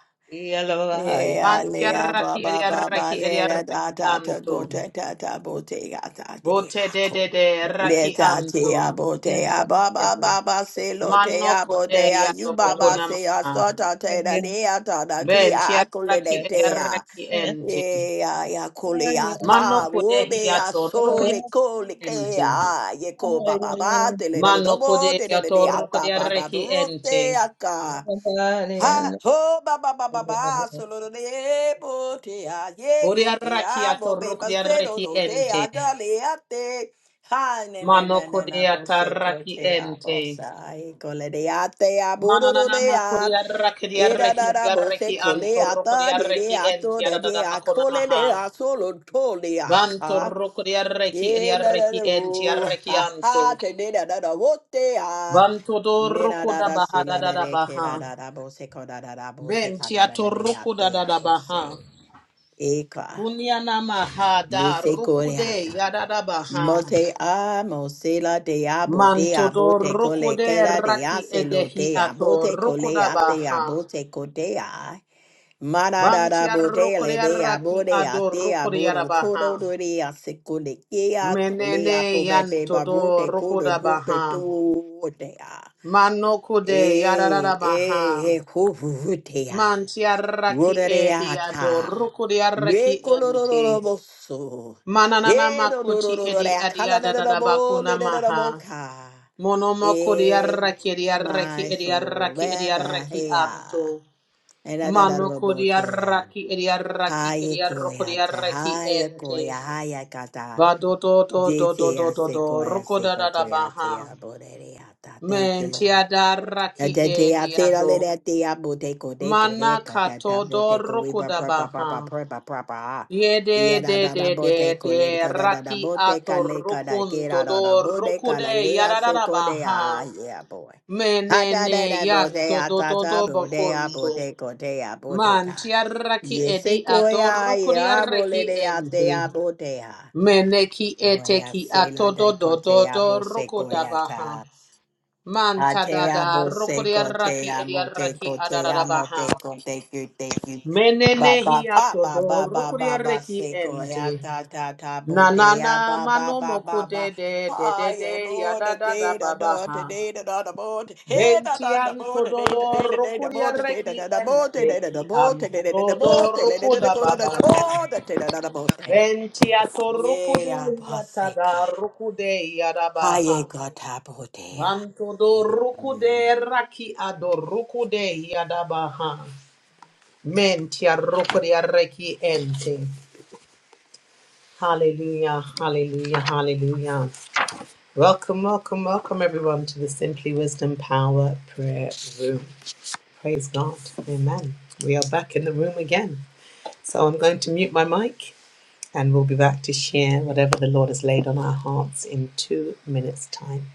E: Yeah,
D: Vantia
E: lea ba
D: raki
E: ba
D: eria
E: ba ba
D: reci
E: lea
D: eria
E: da da
D: reci
E: da go
D: anto.
E: ta ta ta bo te ya ta te
D: Vote
E: ya
D: de
E: ko.
D: de de
E: Le
D: raki
E: ta te ya
D: anto.
E: bo te ya ba ba ba ba se lo te
D: Mano
E: ya bo te ya
D: curia
E: you
D: do
E: ba ba
D: bocuna
E: se ya
D: maha.
E: so ta te da le ya ta da kli a
D: Ventia
E: a ko le de
D: raki eria
E: te ya.
D: reci ente.
E: Ye ya ya ko le ya
D: Mano
E: ta
D: curia
E: wo be ya
D: hiato
E: so
D: rucria
E: le ko le ke
D: ente.
E: ya ye ko ba ba ba te le de do
D: Mano
E: bo
D: kode
E: te de de de a
D: ator kode
E: ta ba
A: Share.
E: ba
D: arreki
E: ro te
D: ente.
E: ya ka. Ha ho ba ba ba ba ba solo do de bo te a ye
D: Bori
E: ko te
D: arraki
E: a bo be
D: ator
E: ba
D: kode
E: se do
D: arreki
E: do te
D: ente.
E: a da le a te ha ne ne
D: Mano
E: ne ne
D: kode
E: na bo se ko
D: atarraki
E: te a bo
D: ente.
E: sa e ko le de a te a bo do do de
D: Manananama
E: a
D: kode arraki di
E: e da
D: arreki
E: da
D: di
E: da bo se
D: arreki
E: ko le a
D: antor kode
E: ta de de
D: arreki
E: a
D: ente.
E: to de de
D: Aradada
E: a
D: bakona
E: ko le de
D: maha.
E: a solo to le
D: Banto
E: a
D: roko di arreki di
E: Ye na na
D: arreki
E: na
D: enti
E: ro
D: arreki
E: ha ha
D: anto.
E: te de da da da wo te ha
D: Banto do
E: me na
D: roko
E: da
D: da
E: da
D: baha
E: se
D: da
E: la
D: da
E: da
D: da
E: re ke da
D: baha.
E: da da bo se ko da da da bo se ka
D: Benti
E: da da da de ya
D: atoroko da
E: te
D: da
E: ya
D: da
E: bo se
D: baha.
E: e ka
D: Punyana maha
E: me
D: da
E: se ko re ha
D: rukude
E: ta
D: yadada
E: mo
D: baha.
E: te a mo se la de ya bo de ya bo
D: Mantodo
E: te ko le
D: roko
E: ke
D: de
E: ra de ya
D: raki
E: se lo
D: edehi
E: de ya bo
D: ato
E: te ko
D: roko
E: le ya te ya
D: baha.
E: bo te ko de ya Mana da Mararara
D: Bantia roko de
E: bodele de le de a bo
D: raki ado roko de
E: aboro
D: yarabaha.
E: kodo dore asekole kea tole
D: Menene
E: apobepe
D: yantodo
E: babote
D: roko
E: kodo
D: da
E: bote tote a. po be be ba bo te ko do do te
D: baha.
E: to te a.
D: Manoko de yararara
E: E
D: baha.
E: e e kovute a.
D: Mantia raki
E: Rodere
D: edi ado
E: ata.
D: roko raki
E: Re
D: ente.
E: kolororo boso.
D: Mananana
E: E do do
D: makoti
E: do do do
D: edi
E: de a
D: adi
E: akala de de do
D: adadada
E: bo
D: bakuna
E: le de de do
D: maha.
E: bo ka.
D: Monomoko de
E: E
D: raki edi raki
E: my
D: edi
E: soul
D: raki edi
E: beba
D: raki anto.
E: hea. E da da da
D: Mano
E: do bo ke kea.
D: kodiaraki idiaraki
E: Haya koya te
D: idiarokodiaraki
E: haya
D: ente.
E: koya haya kata
D: Badodo do do do
E: dete
D: do
E: ya
D: do
E: se
D: do
E: koya se
D: rokoda da da
E: kote ya te
D: baha.
E: ya borere ya ta. Thank you, Lord.
D: Mentiadaraki
E: Adete ya te la le
D: ediado.
E: de te ya bote ko de ko de
D: Mana
E: kata ta
D: kato do
E: bote ko we ba
D: rokoda
E: pra pra pra pra
D: baha.
E: pra pra pra pra. ah.
D: Yede
E: Ya da
D: de
E: da da
D: de de
E: bote ko le
D: de
E: ka da da da
D: raki
E: bote ka
D: ato
E: le ka da
D: rokun
E: ke
D: do
E: da da da
D: do
E: bote ka
D: rokode
E: la le ya se
D: yadada
E: ko de ya
D: baha.
E: yeah boy. Ha da da
D: Menene
E: da bote
D: yanto
E: ya
D: do
E: ta
D: do
E: ta
D: do
E: bote ya
D: bakunto.
E: bote ko de ya bote
D: Man
E: ka.
D: tiaraki edi
E: Yese koya ye
D: atorukuriaraki
E: abole de ate
D: ente.
E: abotea.
D: Meneki
E: Boya
D: eteki
E: se la de
D: atodo do do
E: kote
D: do
E: abo se koya
D: rukodabaha.
E: ta.
D: Man
E: Ate
D: tadada
E: abo se kote
D: rukuriaraki
E: amote
D: ediaraki
E: kote
D: adarabaha.
E: amote kote Ba ba
D: Menenehi
E: ba ba
D: atodo
E: ba ba ba ba
D: rukuriaraki
E: seko ya
D: ente.
E: ta ta ta bo de ya
D: Nanana
E: ba ba
D: mano
E: ba ba
D: moko de
E: ba
D: de de
E: ah
D: de
E: yeah
D: de
E: bo de
D: yadada da
E: de da da de
D: babaha.
E: de da da da bo de he da da da
D: Bentian
E: bo de de de
D: tododor
E: de de de da bo
D: rukuria
E: de de da
D: reki
E: da da bo de
D: ente
E: de da da
D: ki
E: bo
D: an
E: de de de de da bo
D: tododor
E: de de de de de
D: rukuda
E: ko da da ko
D: babaha.
E: da de da da da bo de
D: Ventia
E: yeah
D: torukude
E: ba seka
D: yatada rukude
E: ha ye
D: yadabaha.
E: go ta bo de ya
D: Banto do
E: yeah
D: rukude raki ado rukude yadabaha. Mentia rukude reki ente. Hallelujah, hallelujah, hallelujah. Welcome, welcome, welcome everyone to the Simply Wisdom Power Prayer Room. Praise God. Amen. We are back in the room again. So I'm going to mute my mic and we'll be back to share whatever the Lord has laid on our hearts in two minutes' time.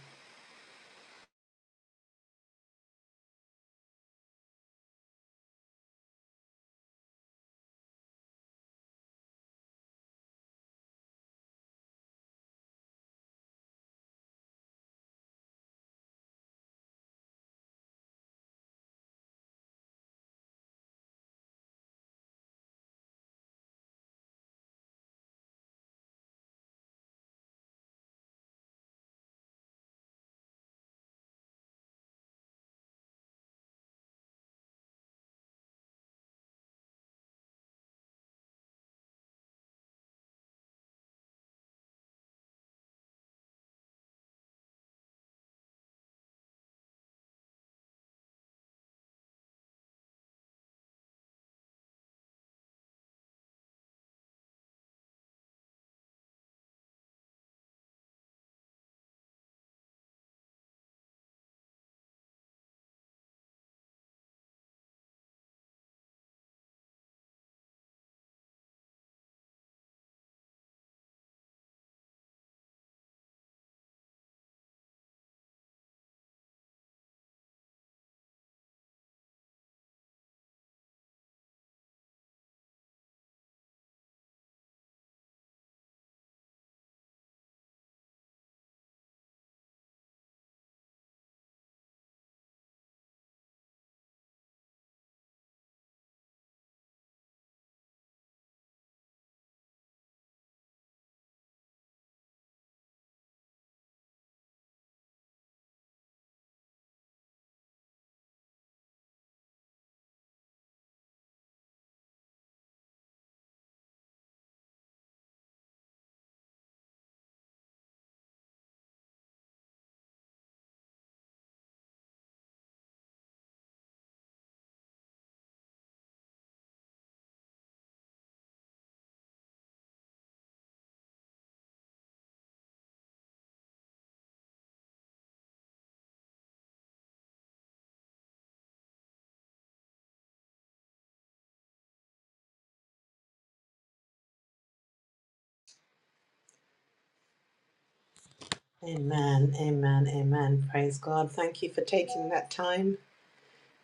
D: Amen, amen, amen. Praise God. Thank you for taking that time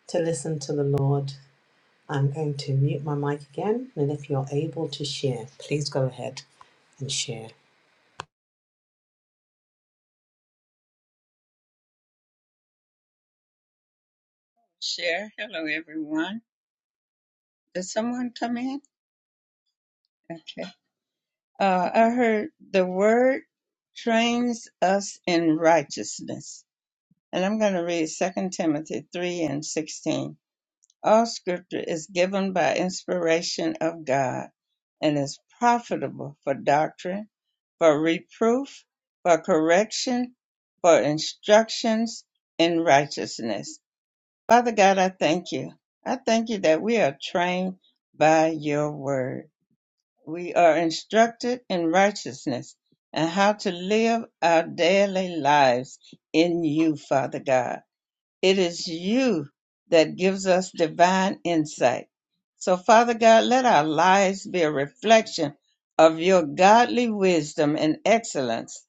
D: to listen to the Lord. I'm going to mute my mic again, and if you're able to share, please go ahead and share.
A: Hello, everyone. Did someone come in? Okay. Uh, I heard the word trains us in righteousness. And I'm going to read Second Timothy 3 and 16. All scripture is given by inspiration of God and is profitable for doctrine, for reproof, for correction, for instructions in righteousness. Father God, I thank you. I thank you that we are trained by your word. We are instructed in righteousness and how to live our daily lives in you, Father God. It is you that gives us divine insight. So, Father God, let our lives be a reflection of your godly wisdom and excellence,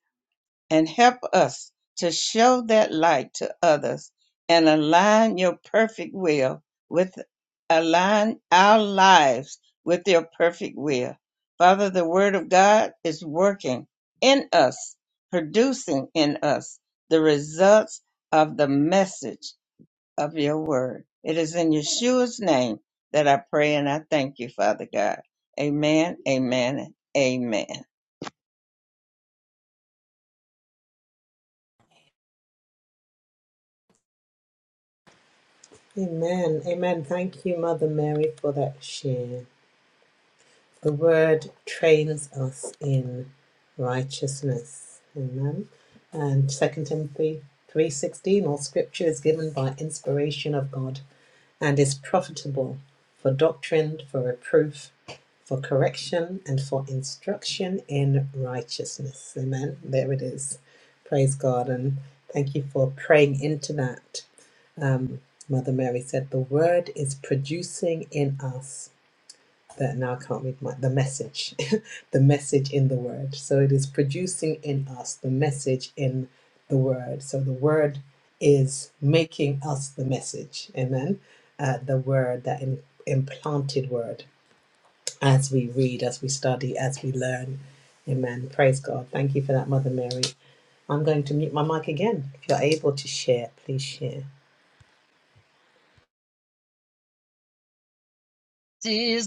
A: and help us to show that light to others and align your perfect will with align our lives with your perfect will. Father, the word of God is working in us, producing in us the results of the message of your word. It is in Yeshua's name that I pray and I thank you, Father God. Amen, amen, amen. We
D: Amen, amen. Thank you, Mother Mary, for that share. The word trains us in righteousness. Amen. And Second Timothy 3.16, all scripture is given by inspiration of God and is profitable for doctrine, for reproof, for correction, and for instruction in righteousness. Amen. There it is. Praise God. And thank you for praying into that. Um, Mother Mary said, The word is producing in us that now I can't make my the message, the message in the word. So it is producing in us the message in the word. So the word is making us the message. Amen. Uh, the word that im- implanted word as we read, as we study, as we learn. Amen. Praise God. Thank you for that, Mother Mary. I'm going to mute my mic again. If you're able to share, please share.
F: is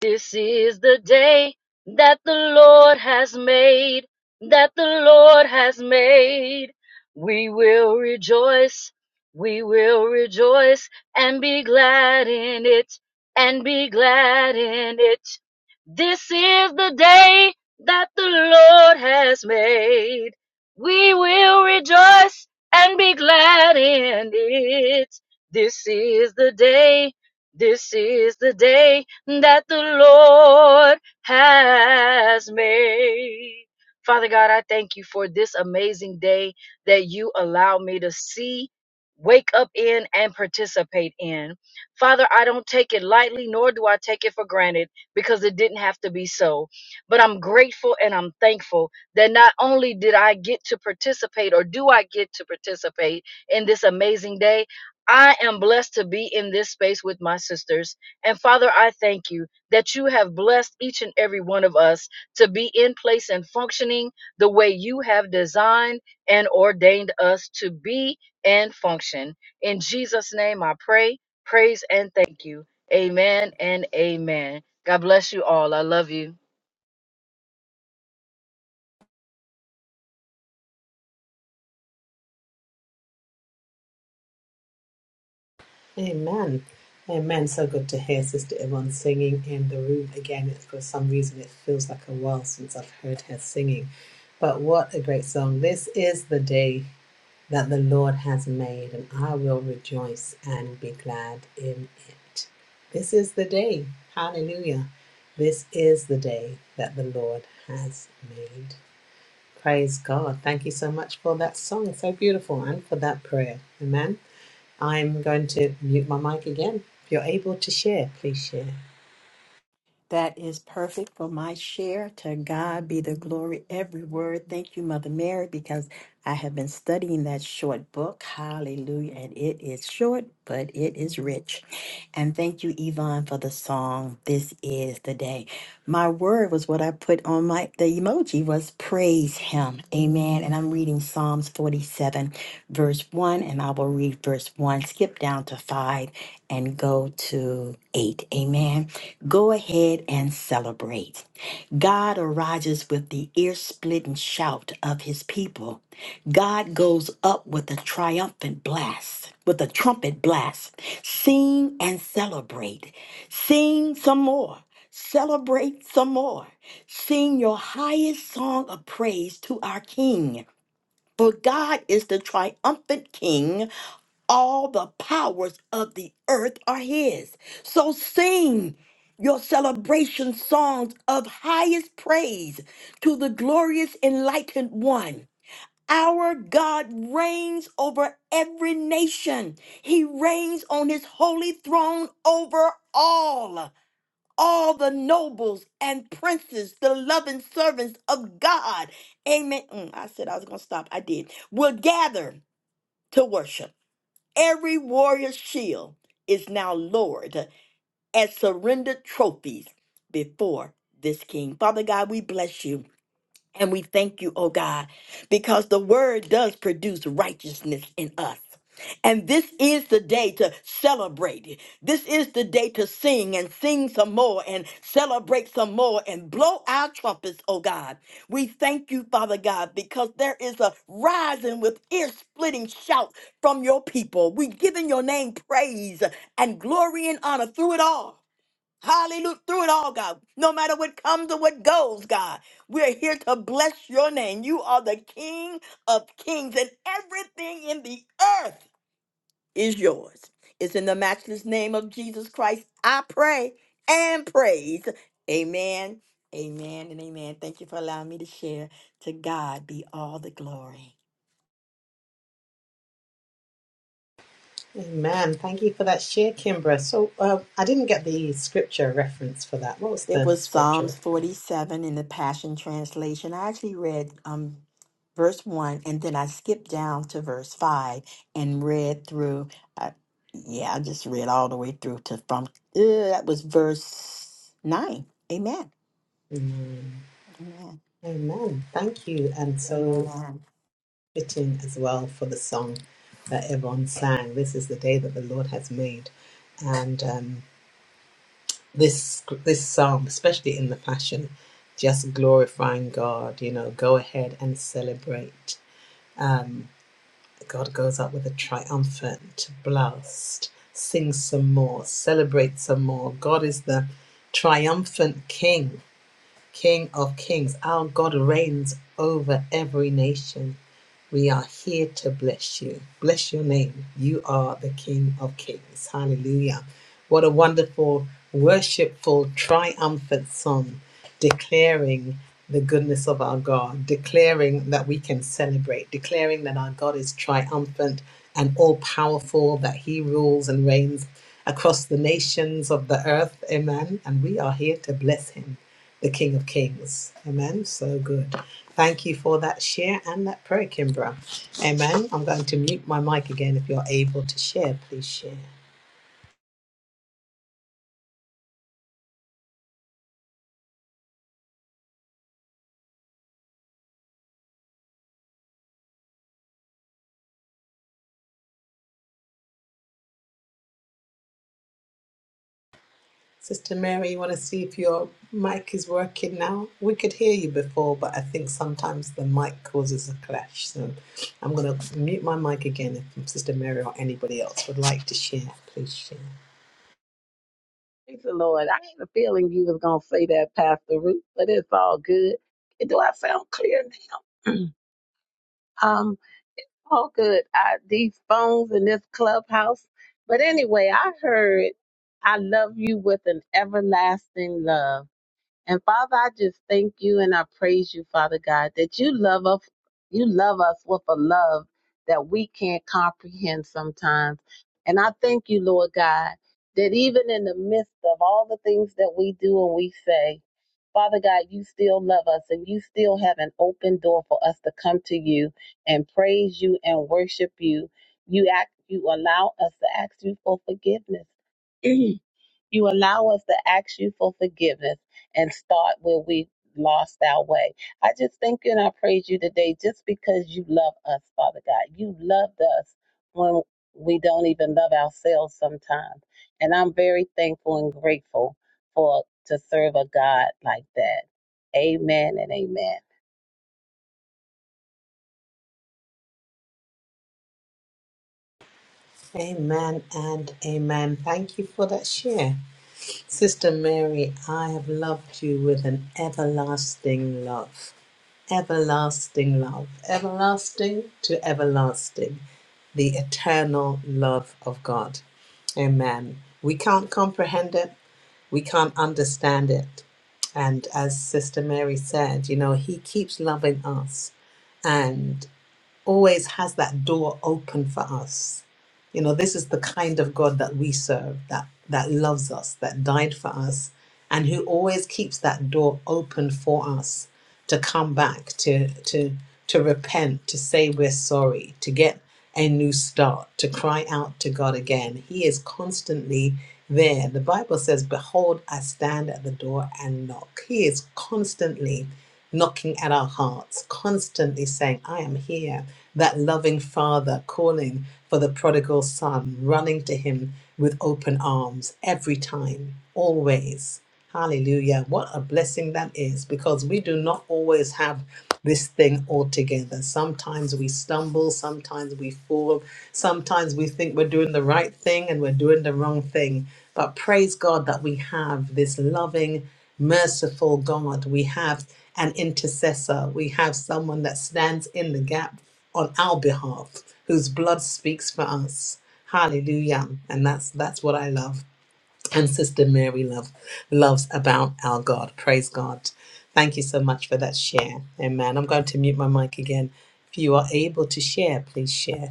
F: this is the day that the Lord has made, that the Lord has made. We will rejoice, we will rejoice and be glad in it, and be glad in it. This is the day that the Lord has made. We will rejoice and be glad in it. This is the day. This is the day that the Lord has made. Father God, I thank you for this amazing day that you allow me to see, wake up in, and participate in. Father, I don't take it lightly, nor do I take it for granted because it didn't have to be so. But I'm grateful and I'm thankful that not only did I get to participate or do I get to participate in this amazing day, I am blessed to be in this space with my sisters. And Father, I thank you that you have blessed each and every one of us to be in place and functioning the way you have designed and ordained us to be and function. In Jesus' name, I pray, praise, and thank you. Amen and amen. God bless you all. I love you.
D: Amen. Amen. So good to hear Sister Yvonne singing in the room again. It- For some reason, it feels like a while since I've heard her singing. But what a great song. This is the day that the Lord has made, and I will rejoice and be glad in it. This is the day. Hallelujah. This is the day that the Lord has made. Praise God. Thank you so much for that song. So beautiful, and for that prayer. Amen. I'm going to mute my mic again. If you're able to share, please share.
E: That is perfect for my share. To God be the glory, every word. Thank you, Mother Mary, because I have been studying that short book. Hallelujah. And it is short, but it is rich. And thank you, Yvonne, for the song. This is the day. My word was what I put on my the emoji was praise him. Amen. And I'm reading Psalms 47, verse 1, and I will read verse 1, skip down to 5, and go to 8. Amen. Go ahead and celebrate. God arises with the ear splitting shout of his people. God goes up with a triumphant blast, with a trumpet blast. Sing and celebrate. Sing some more. Celebrate some more. Sing your highest song of praise to our King. For God is the triumphant King. All the powers of the earth are His. So sing your celebration songs of highest praise to the glorious enlightened one. Our God reigns over every nation. He reigns on his holy throne over all all the nobles and princes, the loving servants of God. Amen. Mm, I said I was going to stop. I did. Will gather to worship. Every warrior's shield is now lowered as surrendered trophies before this king. Father God, we bless you. And we thank you, oh God, because the word does produce righteousness in us. And this is the day to celebrate. it. This is the day to sing and sing some more and celebrate some more and blow our trumpets, oh God. We thank you, Father God, because there is a rising with ear splitting shout from your people. we give in your name praise and glory and honor through it all. Hallelujah. Through it all, God. No matter what comes or what goes, God, we're here to bless your name. You are the King of kings, and everything in the earth is yours. It's in the matchless name of Jesus Christ. I pray and praise. Amen, amen, and amen. Thank you for allowing me to share. To God be all the glory.
D: Amen. Thank you for that share, Kimbra. So uh, I didn't get the scripture reference for that. What was
E: It
D: the
E: was
D: scripture
E: Psalms
D: reference?
E: 47 in the Passion Translation. I actually read um, verse 1 and then I skipped down to verse 5 and read through. Uh, yeah, I just read all the way through to from, uh, that was verse 9. Amen.
D: Amen.
E: Amen.
D: Amen. Thank you. And so
E: Amen.
D: fitting as well for the song that everyone sang. This is the day that the Lord has made. And um, this this psalm, especially in the Passion, just glorifying God, you know, go ahead and celebrate. Um, The God goes up with a triumphant to blast. Sing some more, celebrate some more. God is the triumphant King. King of kings. Our God reigns over every nation. We are here to bless you. Bless your name. You are the King of kings. Hallelujah. What a wonderful, worshipful, triumphant song declaring the goodness of our God, declaring that we can celebrate, declaring that our God is triumphant and all powerful, that he rules and reigns across the nations of the earth. Amen. And we are here to bless him the King of Kings. Amen. So good. Thank you for that share and that prayer, Kimbra. Amen. I'm going to mute my mic again. If you're able to share, please share. Sister Mary, you want to see if your mic is working now? We could hear you before, but I think sometimes the mic causes a clash. So I'm going to mute my mic again if Sister Mary or anybody else would like to share. Please share.
B: Praise the Lord. I had a feeling you was gonna say that, Pastor Ruth, but it's all good. Do I sound clear now? um, it's all good. I, these phones in this clubhouse. But anyway, I heard I love you with an everlasting love. And Father, I just thank you and I praise you, Father God, that you love us. You love us with a love that we can't comprehend sometimes. And I thank you, Lord God, that even in the midst of all the things that we do and we say, Father God, you still love us and you still have an open door for us to come to you and praise you and worship you. You act you allow us to ask you for forgiveness. You allow us to ask you for forgiveness and start where we lost our way. I just thank you and I praise you today just because you love us, Father God. You loved us when we don't even love ourselves sometimes. And I'm very thankful and grateful for to serve a God like that. Amen and amen.
D: Amen and amen. Thank you for that share. Sister Mary, I have loved you with an everlasting love, everlasting love, everlasting to everlasting, the eternal love of God. Amen. We can't comprehend it, we can't understand it. And as Sister Mary said, you know, He keeps loving us. and always has that door open for us. You know, this is the kind of God that we serve, that that loves us, that died for us, and who always keeps that door open for us to come back, to to to repent, to say we're sorry, to get a new start, to cry out to God again. He is constantly there. The Bible says, Behold, I stand at the door and knock. He is constantly knocking at our hearts, constantly saying, I am here. That loving father calling for the prodigal son, running to him with open arms every time, always. Hallelujah. What a blessing that is because we do not always have this thing all together. Sometimes we stumble, sometimes we fall, sometimes we think we're doing the right thing and we're doing the wrong thing. But praise God that we have this loving merciful God. We have an intercessor. We have someone that stands in the gap on our behalf, whose blood speaks for us. Hallelujah. And that's that's what I love. And Sister Mary love loves about our God. Praise God. Thank you so much for that share. Amen. I'm going to mute my mic again. If you are able to share, please share.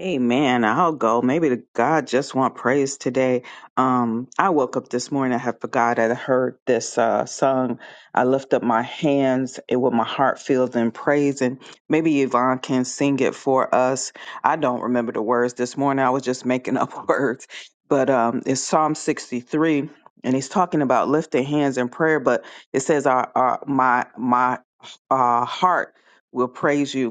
G: Amen. I'll go. Maybe the God just want praise today. Um, I woke up this morning. I had forgot I heard this uh, song. I lift up my hands and with my heart filled in praise. And maybe Yvonne can sing it for us. I don't remember the words this morning. I was just making up words. But um, it's Psalm 63, and he's talking about lifting hands in prayer. But it says, our, our, "My my uh, heart will praise you."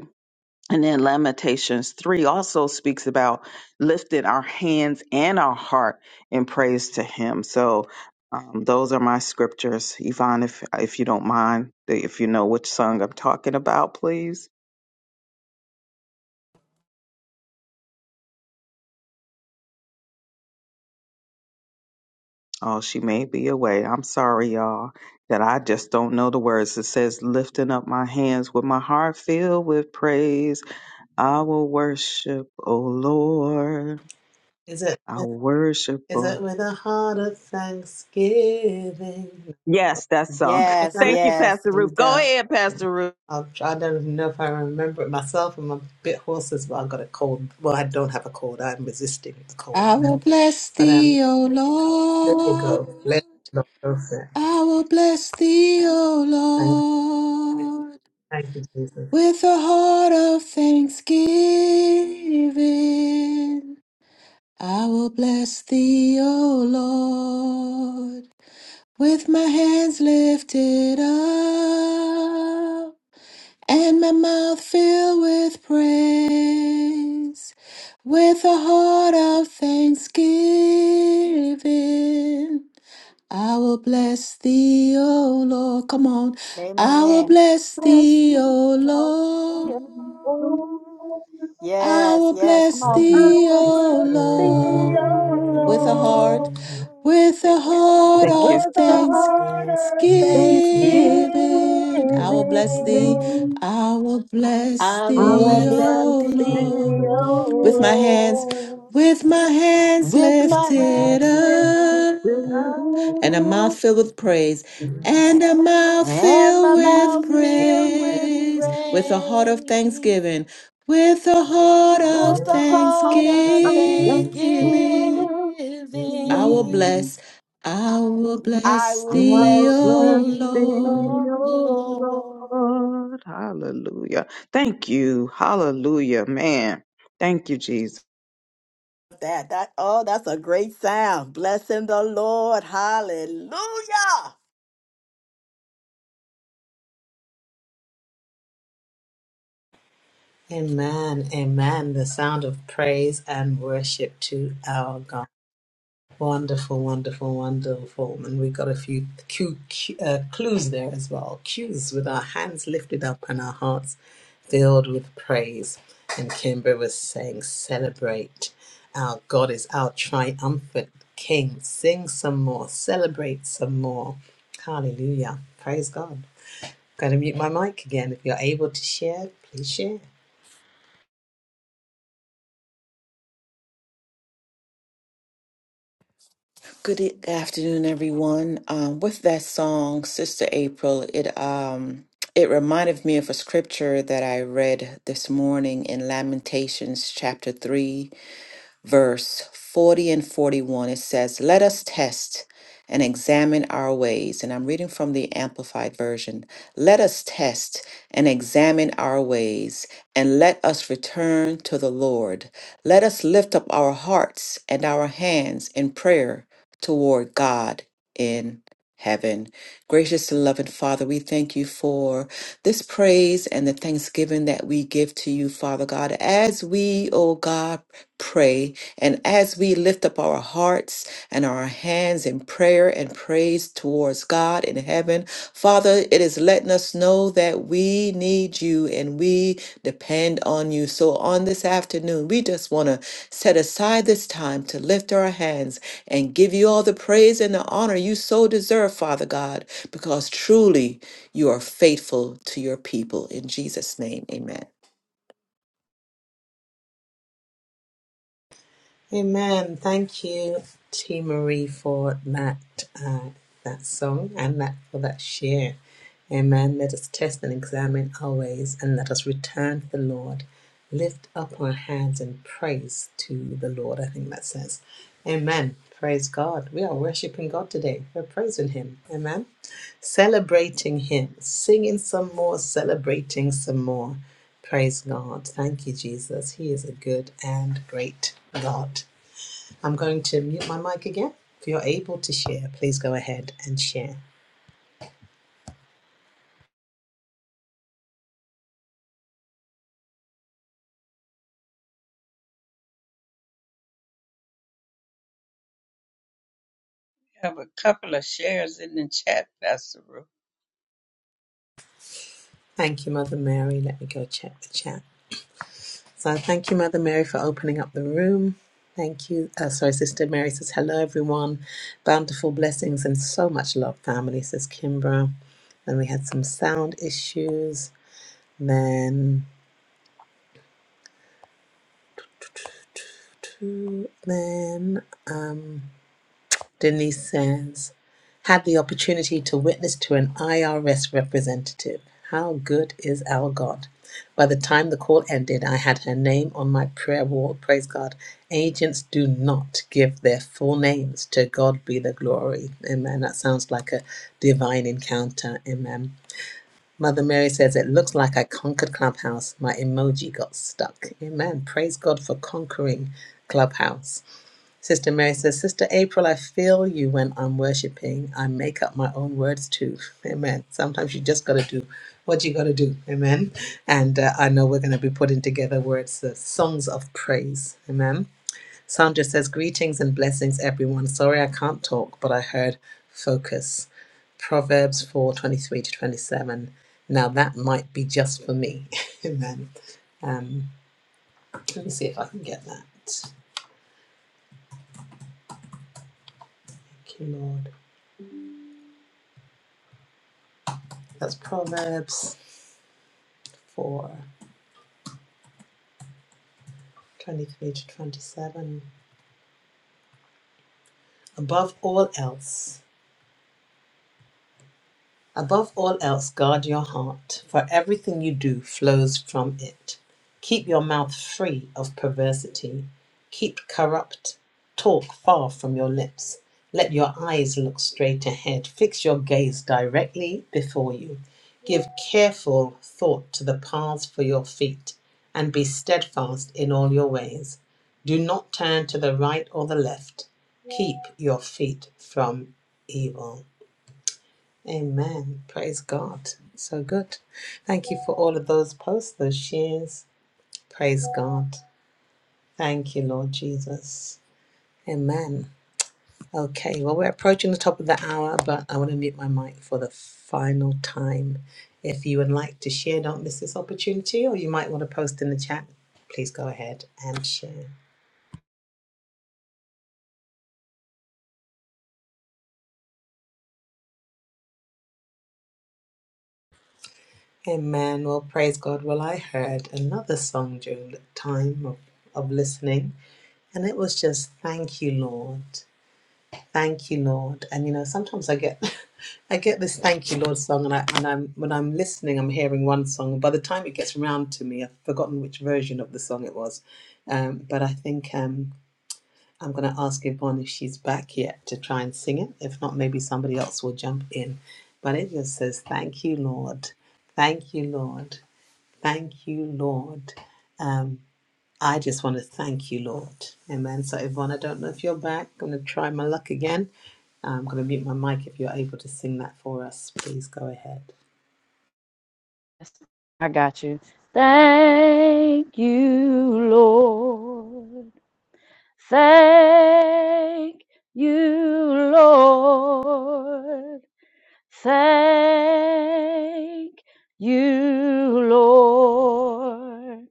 G: And then Lamentations 3 also speaks about lifting our hands and our heart in praise to Him. So um, those are my scriptures. Yvonne, if, if you don't mind, if you know which song I'm talking about, please. Oh, she may be away. I'm sorry, y'all, that I just don't know the words. It says, lifting up my hands with my heart filled with praise. I will worship, O Lord.
D: Is it
G: I worship,
D: is
G: O
D: it with a heart of thanksgiving?
G: Yes, that song.
E: Yes,
G: Thank you,
E: yes.
G: Pastor
E: There you
G: Ruth. Go
E: go.
G: ahead, Pastor Ruth.
D: I'll, try. I don't know if I remember it myself. I'm a bit hoarse, well. i got a cold. Well, I don't have a cold. I'm resisting the cold.
H: I will
D: Amen.
H: bless
D: But um,
H: thee, O
D: there you
H: Lord.
D: go. Let the Lord go for it.
H: I will bless thee, O
D: Thank
H: Lord,
D: you. Thank
H: with a heart of thanksgiving. I will bless thee, O Lord, with my hands lifted up. and my mouth filled with praise, with a heart of thanksgiving. I will bless thee, O Lord. Come on. I will
E: Amen.
H: bless
E: Bless
H: thee,
E: the
H: O
E: Lord.
H: Lord.
B: Yeah. Oh,
H: I
E: Yes,
H: will
E: yes. Come
H: bless
E: on.
B: I
H: thee,
B: will
E: Bless the
H: O
B: bless thee,
H: Lord,
B: O
H: with a
B: Lord.
H: heart,
E: Lord.
H: with a heart
G: Thank
B: With
H: of
G: you.
B: a
E: With The
B: heart
E: heart of
B: of
G: Thanksgiving,
E: thanksgiving.
H: thanksgiving. I will bless thee,
B: thanksgiving,
H: I will bless
E: I will
G: I
B: we'll
G: will
H: thee,
E: bless
B: bless
G: bless
H: O
E: thee,
G: thee,
H: Lord
B: thee,
E: O
H: with my hands,
B: O Lord.
E: Lord.
H: with my hands
E: With my
H: lifted
E: hands lifted
H: up, and a
E: up
H: mouth
G: Lord.
H: filled with praise,
G: Thank you.
H: and a mouth
E: and
H: filled
E: my
H: with
E: mouth filled with
H: praise,
D: you,
H: with a heart of
E: praise.
H: thanksgiving, with a heart of
E: With
D: Jesus.
E: a heart of
H: thanksgiving. I will
G: Thanksgiving.
E: thanksgiving,
H: bless, I will
E: I
H: bless
G: I
E: will
H: thee,
G: will
E: bless
H: O
G: bless
E: thee,
H: Lord.
G: thee,
E: O
G: O
E: Lord.
G: Lord. Hallelujah. Thank you. Hallelujah, man. Thank you, Jesus.
E: That, that, oh, that's a great sound. Blessing the Lord. Hallelujah.
D: Amen. Amen. The sound of praise and worship to our God. Wonderful, wonderful, wonderful. And we got a few cue, cue, uh, clues there as well. Cues with our hands lifted up and our hearts filled with praise. And Kimber was saying, celebrate. Our God is our triumphant King. Sing some more. Celebrate some more. Hallelujah. Praise God. Going to mute my mic again. If you're able to share, please share.
H: Good e- afternoon, everyone. Um, with that song, Sister April, it um it reminded me of a scripture that I read this morning in Lamentations chapter three, verse 40 and 41, it says, Let us test and examine our ways. And I'm reading from the Amplified Version. Let us test and examine our ways, and let us return to the Lord. Let us lift up our hearts and our hands in prayer toward God in heaven. Gracious and loving Father, we thank you for this praise and the thanksgiving that we give to you, Father God, as we, oh God, pray and as we lift up our hearts and our hands in prayer and praise towards God in heaven. Father, it is letting us know that we need you and we depend on you. So on this afternoon, we just want to set aside this time to lift our hands and give you all the praise and the honor you so deserve, Father God, because truly you are faithful to your people. In Jesus' name, amen.
D: Amen. Thank you, T. Marie, for that uh, that song and that for that share. Amen. Let us test and examine our ways, and let us return to the Lord. Lift up our hands in praise to the Lord. I think that says, Amen. Praise God. We are worshiping God today. We're praising Him. Amen. Celebrating Him, singing some more, celebrating some more. Praise God. Thank you, Jesus. He is a good and great God. I'm going to mute my mic again. If you're able to share, please go ahead and share.
A: have a couple of shares in the chat, Pastor Ruth.
D: Thank you, Mother Mary. Let me go check the chat. So thank you, Mother Mary, for opening up the room. Thank you. Uh, sorry, Sister Mary says, hello, everyone. Bountiful blessings and so much love, family, says Kimbra. Then we had some sound issues. Then, then Denise says, had the opportunity to witness to an IRS representative. How good is our God? By the time the call ended, I had her name on my prayer wall. Praise God. Agents do not give their full names. To God be the glory. Amen. That sounds like a divine encounter. Amen. Mother Mary says, It looks like I conquered Clubhouse. My emoji got stuck. Amen. Praise God for conquering Clubhouse. Sister Mary says, Sister April, I feel you when I'm worshiping. I make up my own words too. Amen. Sometimes you just got to do what you got to do. Amen. And uh, I know we're going to be putting together words, uh, songs of praise. Amen. Sandra says, Greetings and blessings, everyone. Sorry I can't talk, but I heard focus. Proverbs four twenty three to 27. Now that might be just for me. Amen. Um, let me see if I can get that. Thank you, Lord. That's Proverbs. for 23 to 27. Above all else, Above all else, guard your heart, for everything you do flows from it. Keep your mouth free of perversity. Keep corrupt talk far from your lips. Let your eyes look straight ahead. Fix your gaze directly before you. Give careful thought to the paths for your feet, and be steadfast in all your ways. Do not turn to the right or the left. Keep your feet from evil. Amen. Praise God. So good. Thank you for all of those posts, those shares. Praise God. Thank you, Lord Jesus. Amen. Okay, well, we're approaching the top of the hour, but I want to mute my mic for the final time. If you would like to share, don't miss this opportunity, or you might want to post in the chat. Please go ahead and share. Amen. Well, praise God. Well, I heard another song during the time of, of listening, and it was just Thank You, Lord. Thank you, Lord. And you know, sometimes I get I get this thank you, Lord song and I and I'm when I'm listening I'm hearing one song. By the time it gets around to me, I've forgotten which version of the song it was. Um, but I think um I'm gonna ask Yvonne if she's back yet to try and sing it. If not, maybe somebody else will jump in. But it just says, Thank you, Lord. Thank you, Lord. Thank you, Lord. Um, I just want to thank you, Lord. Amen. So, Yvonne, I don't know if you're back. I'm going to try my luck again. I'm going to mute my mic if you're able to sing that for us. Please go ahead.
F: I got you. Thank you, Lord. Thank you, Lord. Thank you, Lord.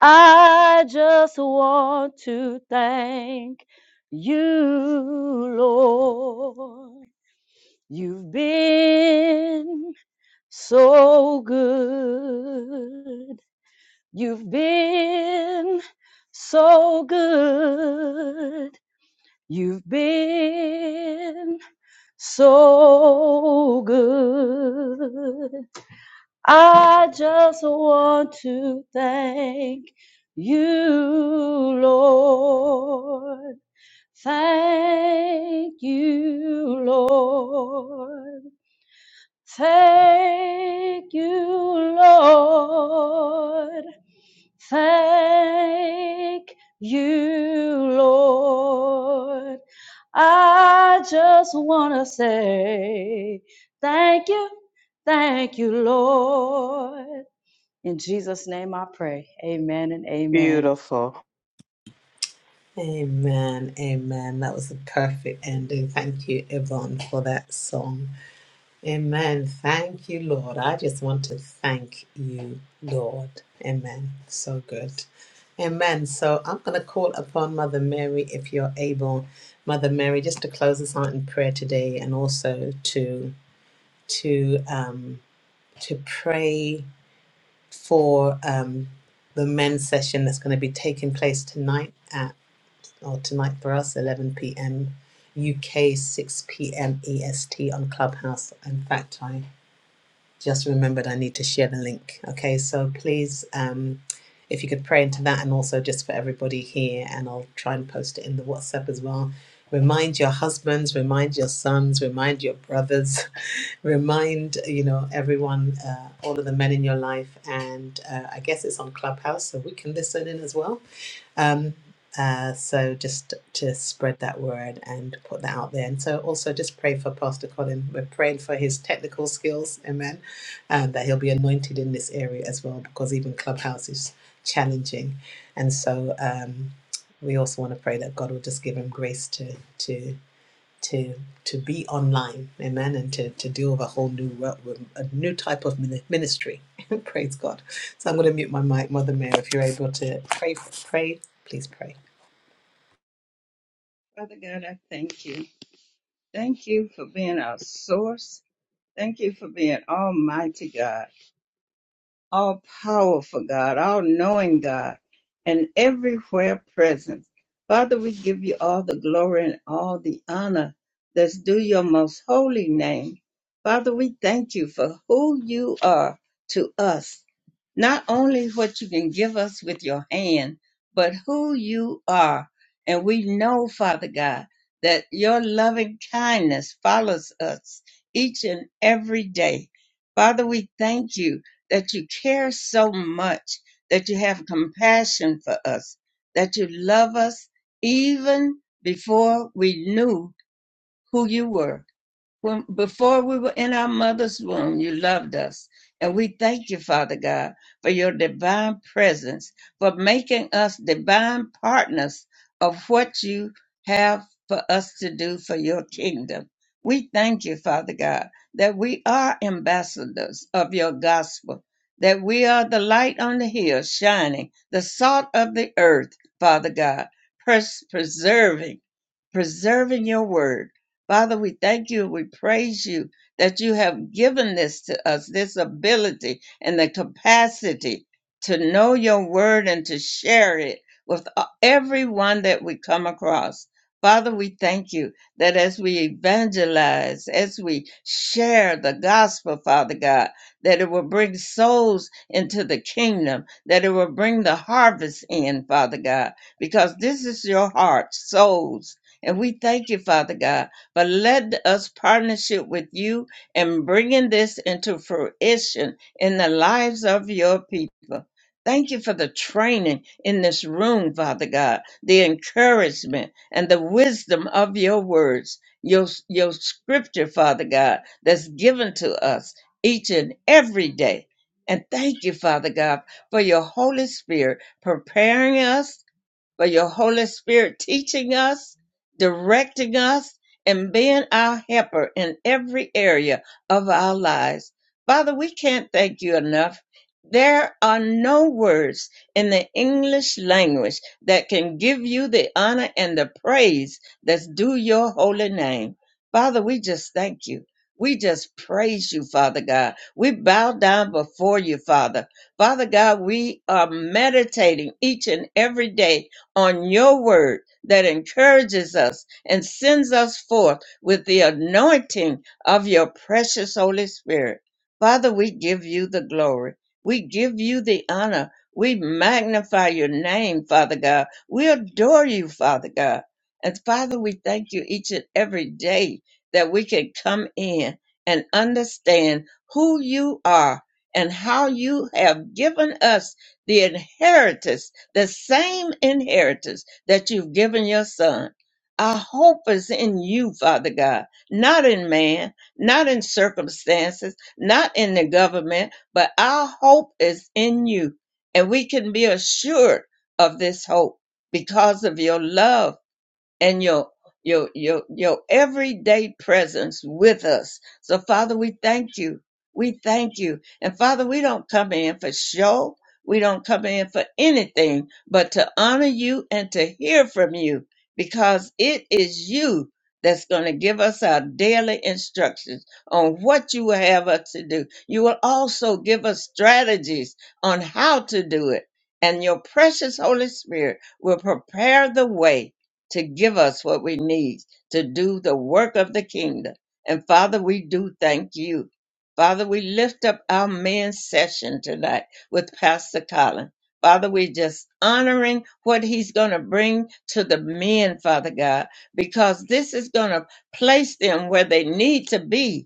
F: I just want to thank you, Lord. You've been so good. You've been so good. You've been so good. I just want to thank you, Lord. Thank you, Lord. Thank you, Lord. Thank you, Lord. I just want to say thank you, thank you, Lord. In Jesus' name I pray. Amen and amen.
G: Beautiful.
D: Amen. Amen. That was a perfect ending. Thank you, Yvonne, for that song. Amen. Thank you, Lord. I just want to thank you, Lord. Amen. So good. Amen. So I'm going to call upon Mother Mary if you're able, Mother Mary, just to close us out in prayer today and also to to um, to pray for um, the men's session that's going to be taking place tonight at or tonight for us 11 p.m. UK 6 p.m. EST on Clubhouse. In fact, I just remembered I need to share the link. Okay, so please, um, if you could pray into that, and also just for everybody here, and I'll try and post it in the WhatsApp as well. Remind your husbands, remind your sons, remind your brothers remind you know everyone uh, all of the men in your life and uh, i guess it's on clubhouse so we can listen in as well um, uh, so just to spread that word and put that out there and so also just pray for pastor colin we're praying for his technical skills amen and that he'll be anointed in this area as well because even clubhouse is challenging and so um, we also want to pray that god will just give him grace to to to to be online amen and to, to deal with a whole new world a new type of ministry praise god so i'm going to mute my mic mother mary if you're able to pray pray please pray
A: Father God, I thank you. Thank you for being our source. Thank you for being Almighty God. all powerful God, all knowing God, and everywhere present. Father, we give you all the glory and all the honor that's due your most holy name. Father, we thank you for who you are to us, not only what you can give us with your hand, but who you are. And we know, Father God, that your loving kindness follows us each and every day. Father, we thank you that you care so much, that you have compassion for us, that you love us even before we knew who you were. When, before we were in our mother's womb, you loved us. And we thank you, Father God, for your divine presence, for making us divine partners of what you have for us to do for your kingdom. We thank you, Father God, that we are ambassadors of your gospel, that we are the light on the hill shining, the salt of the earth, Father God, pres- preserving, preserving your word Father, we thank you. and We praise you that you have given this to us, this ability and the capacity to know your word and to share it with uh, everyone that we come across. Father, we thank you that as we evangelize, as we share the gospel, Father God, that it will bring souls into the kingdom, that it will bring the harvest in, Father God, because this is your heart, souls. And we thank you, Father God but let us partnership with you in bringing this into fruition in the lives of your people. Thank you for the training in this room, Father God, the encouragement and the wisdom of your words, your, your scripture, Father God, that's given to us each and every day. And thank you, Father God, for your Holy Spirit preparing us for your Holy Spirit teaching us, directing us, and being our helper in every area of our lives. Father, we can't thank you enough. There are no words in the English language that can give you the honor and the praise that's due your holy name. Father, we just thank you. We just praise you, Father God. We bow down before you, Father. Father God, we are meditating each and every day on your word that encourages us and sends us forth with the anointing of your precious Holy Spirit. Father, we give you the glory. We give you the honor. We magnify your name, Father God. We adore you, Father God. And Father, we thank you each and every day that we can come in and understand who you are and how you have given us the inheritance the same inheritance that you've given your son. Our hope is in you, Father God, not in man, not in circumstances, not in the government, but our hope is in you. And we can be assured of this hope because of your love and your your your your everyday presence with us. So Father, we thank you. We thank you. And Father, we don't come in for show. We don't come in for anything but to honor you and to hear from you because it is you that's going to give us our daily instructions on what you will have us to do. You will also give us strategies on how to do it. And your precious Holy Spirit will prepare the way to give us what we need to do the work of the kingdom. And Father, we do thank you. Father, we lift up our men's session tonight with Pastor Colin. Father, we just honoring what he's going to bring to the men, Father God, because this is going to place them where they need to be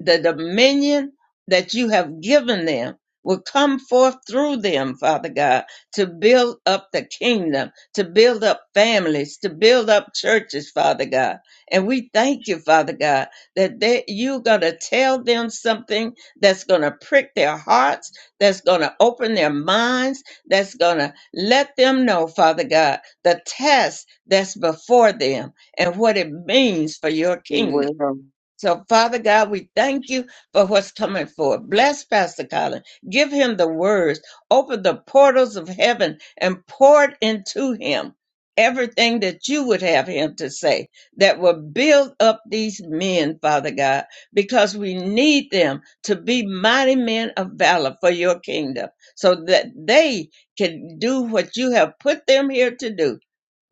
A: the dominion that you have given them will come forth through them, Father God, to build up the kingdom, to build up families, to build up churches, Father God. And we thank you, Father God, that they, you're going to tell them something that's going to prick their hearts, that's going to open their minds, that's going to let them know, Father God, the test that's before them and what it means for your kingdom.
G: Well,
A: So, Father God, we thank you for what's coming forward. Bless Pastor Colin. Give him the words. Open the portals of heaven and pour it into him everything that you would have him to say that will build up these men, Father God, because we need them to be mighty men of valor for your kingdom so that they can do what you have put them here to do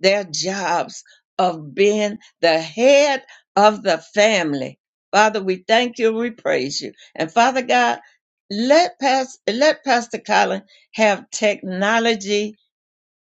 A: their jobs of being the head of the family. Father, we thank you, we praise you. And Father God, let Pastor, let Pastor Colin have technology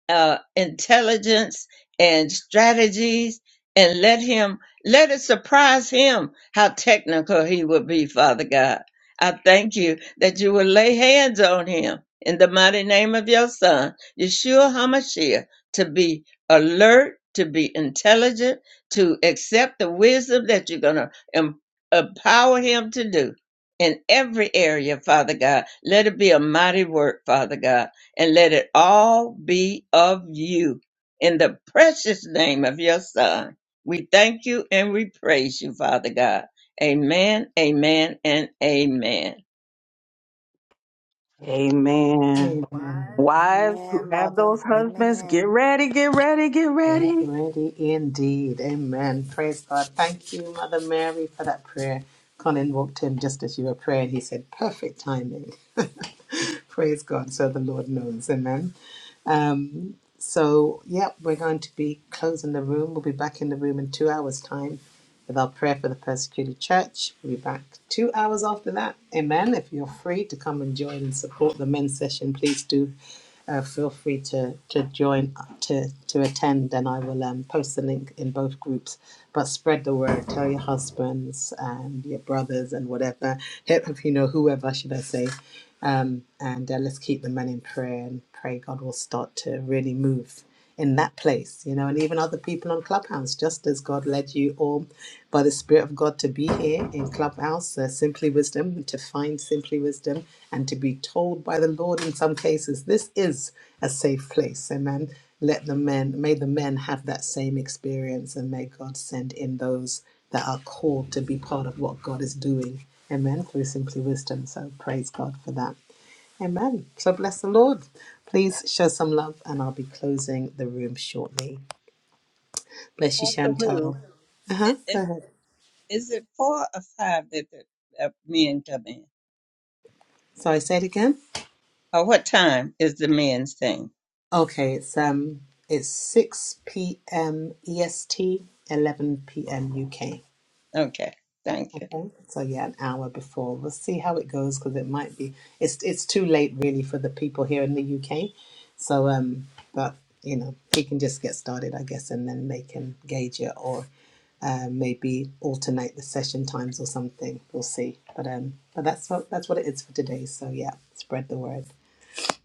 A: uh, intelligence and strategies and let him let it surprise him how technical he would be father god i thank you that you will lay hands on him in the mighty name of your son yeshua hamashiach to be alert to be intelligent to accept the wisdom that you're going to em- empower him to do in every area, Father God. Let it be a mighty work, Father God and let it all be of you. In the precious name of your Son, we thank you and we praise you, Father God. Amen, amen, and amen.
G: amen.
D: amen
G: Wives who
E: Amen,
G: have
E: Mother.
G: those husbands, get
E: Amen.
G: ready, get ready, get
D: Yeah,
G: ready.
D: ready indeed. Amen. Praise God. Thank you, Mother Mary, for that prayer. Colin walked in just as you were praying. He said, perfect timing. Praise God. So the Lord knows. Amen. Um, so, yep, we're going to be closing the room. We'll be back in the room in two hours' time with our prayer for the persecuted church. We'll be back two hours after that. Amen. If you're free to come and join and support the men's session, please do uh, feel free to to join to to attend, and I will um, post the link in both groups. But spread the word. Tell your husbands and your brothers and whatever, if you know whoever should I say, um, and uh, let's keep the men in prayer and pray God will start to really move in that place, you know, and even other people on Clubhouse, just as God led you all by the Spirit of God to be here in Clubhouse, uh, Simply Wisdom, to find Simply Wisdom, and to be told by the Lord in some cases, this is a safe place. Amen. Let the men, may the men have that same experience, and may God send in those that are called to be part of what God is doing. Amen. Through Simply Wisdom. So praise God for that. Amen. So bless the Lord. Please show some love, and I'll be closing the room shortly. Bless you,
B: Off the roof.
D: Chantal. Uh
A: I-
D: huh. Go
A: Is,
D: ahead.
A: is it four or five that the uh, men come in?
D: Sorry, say it again.
A: Or what time is the men's thing?
D: Okay, it's um, it's six p.m. EST, eleven p.m. UK.
A: Okay, thank you.
D: Okay. So yeah, an hour before. We'll see how it goes because it might be it's it's too late really for the people here in the UK. So um, but you know he can just get started, I guess, and then they can gauge it or uh, maybe alternate the session times or something. We'll see. But um, but that's what that's what it is for today. So yeah, spread the word.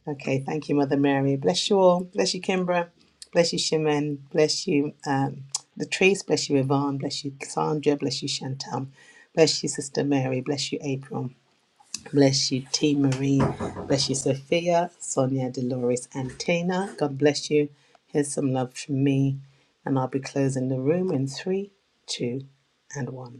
D: Okay, thank you, Mother Mary. Bless you all. Bless you, Kimbra. Bless you, Shimon. Bless you, um, Latrice. Bless you, Yvonne. Bless you, Cassandra. Bless you, Chantal. Bless you, Sister Mary. Bless you, April. Bless you, T. Marie. Bless you, Sophia, Sonia, Dolores, and Tina. God bless you. Here's some love from me. And I'll be closing the room in three, two, and one.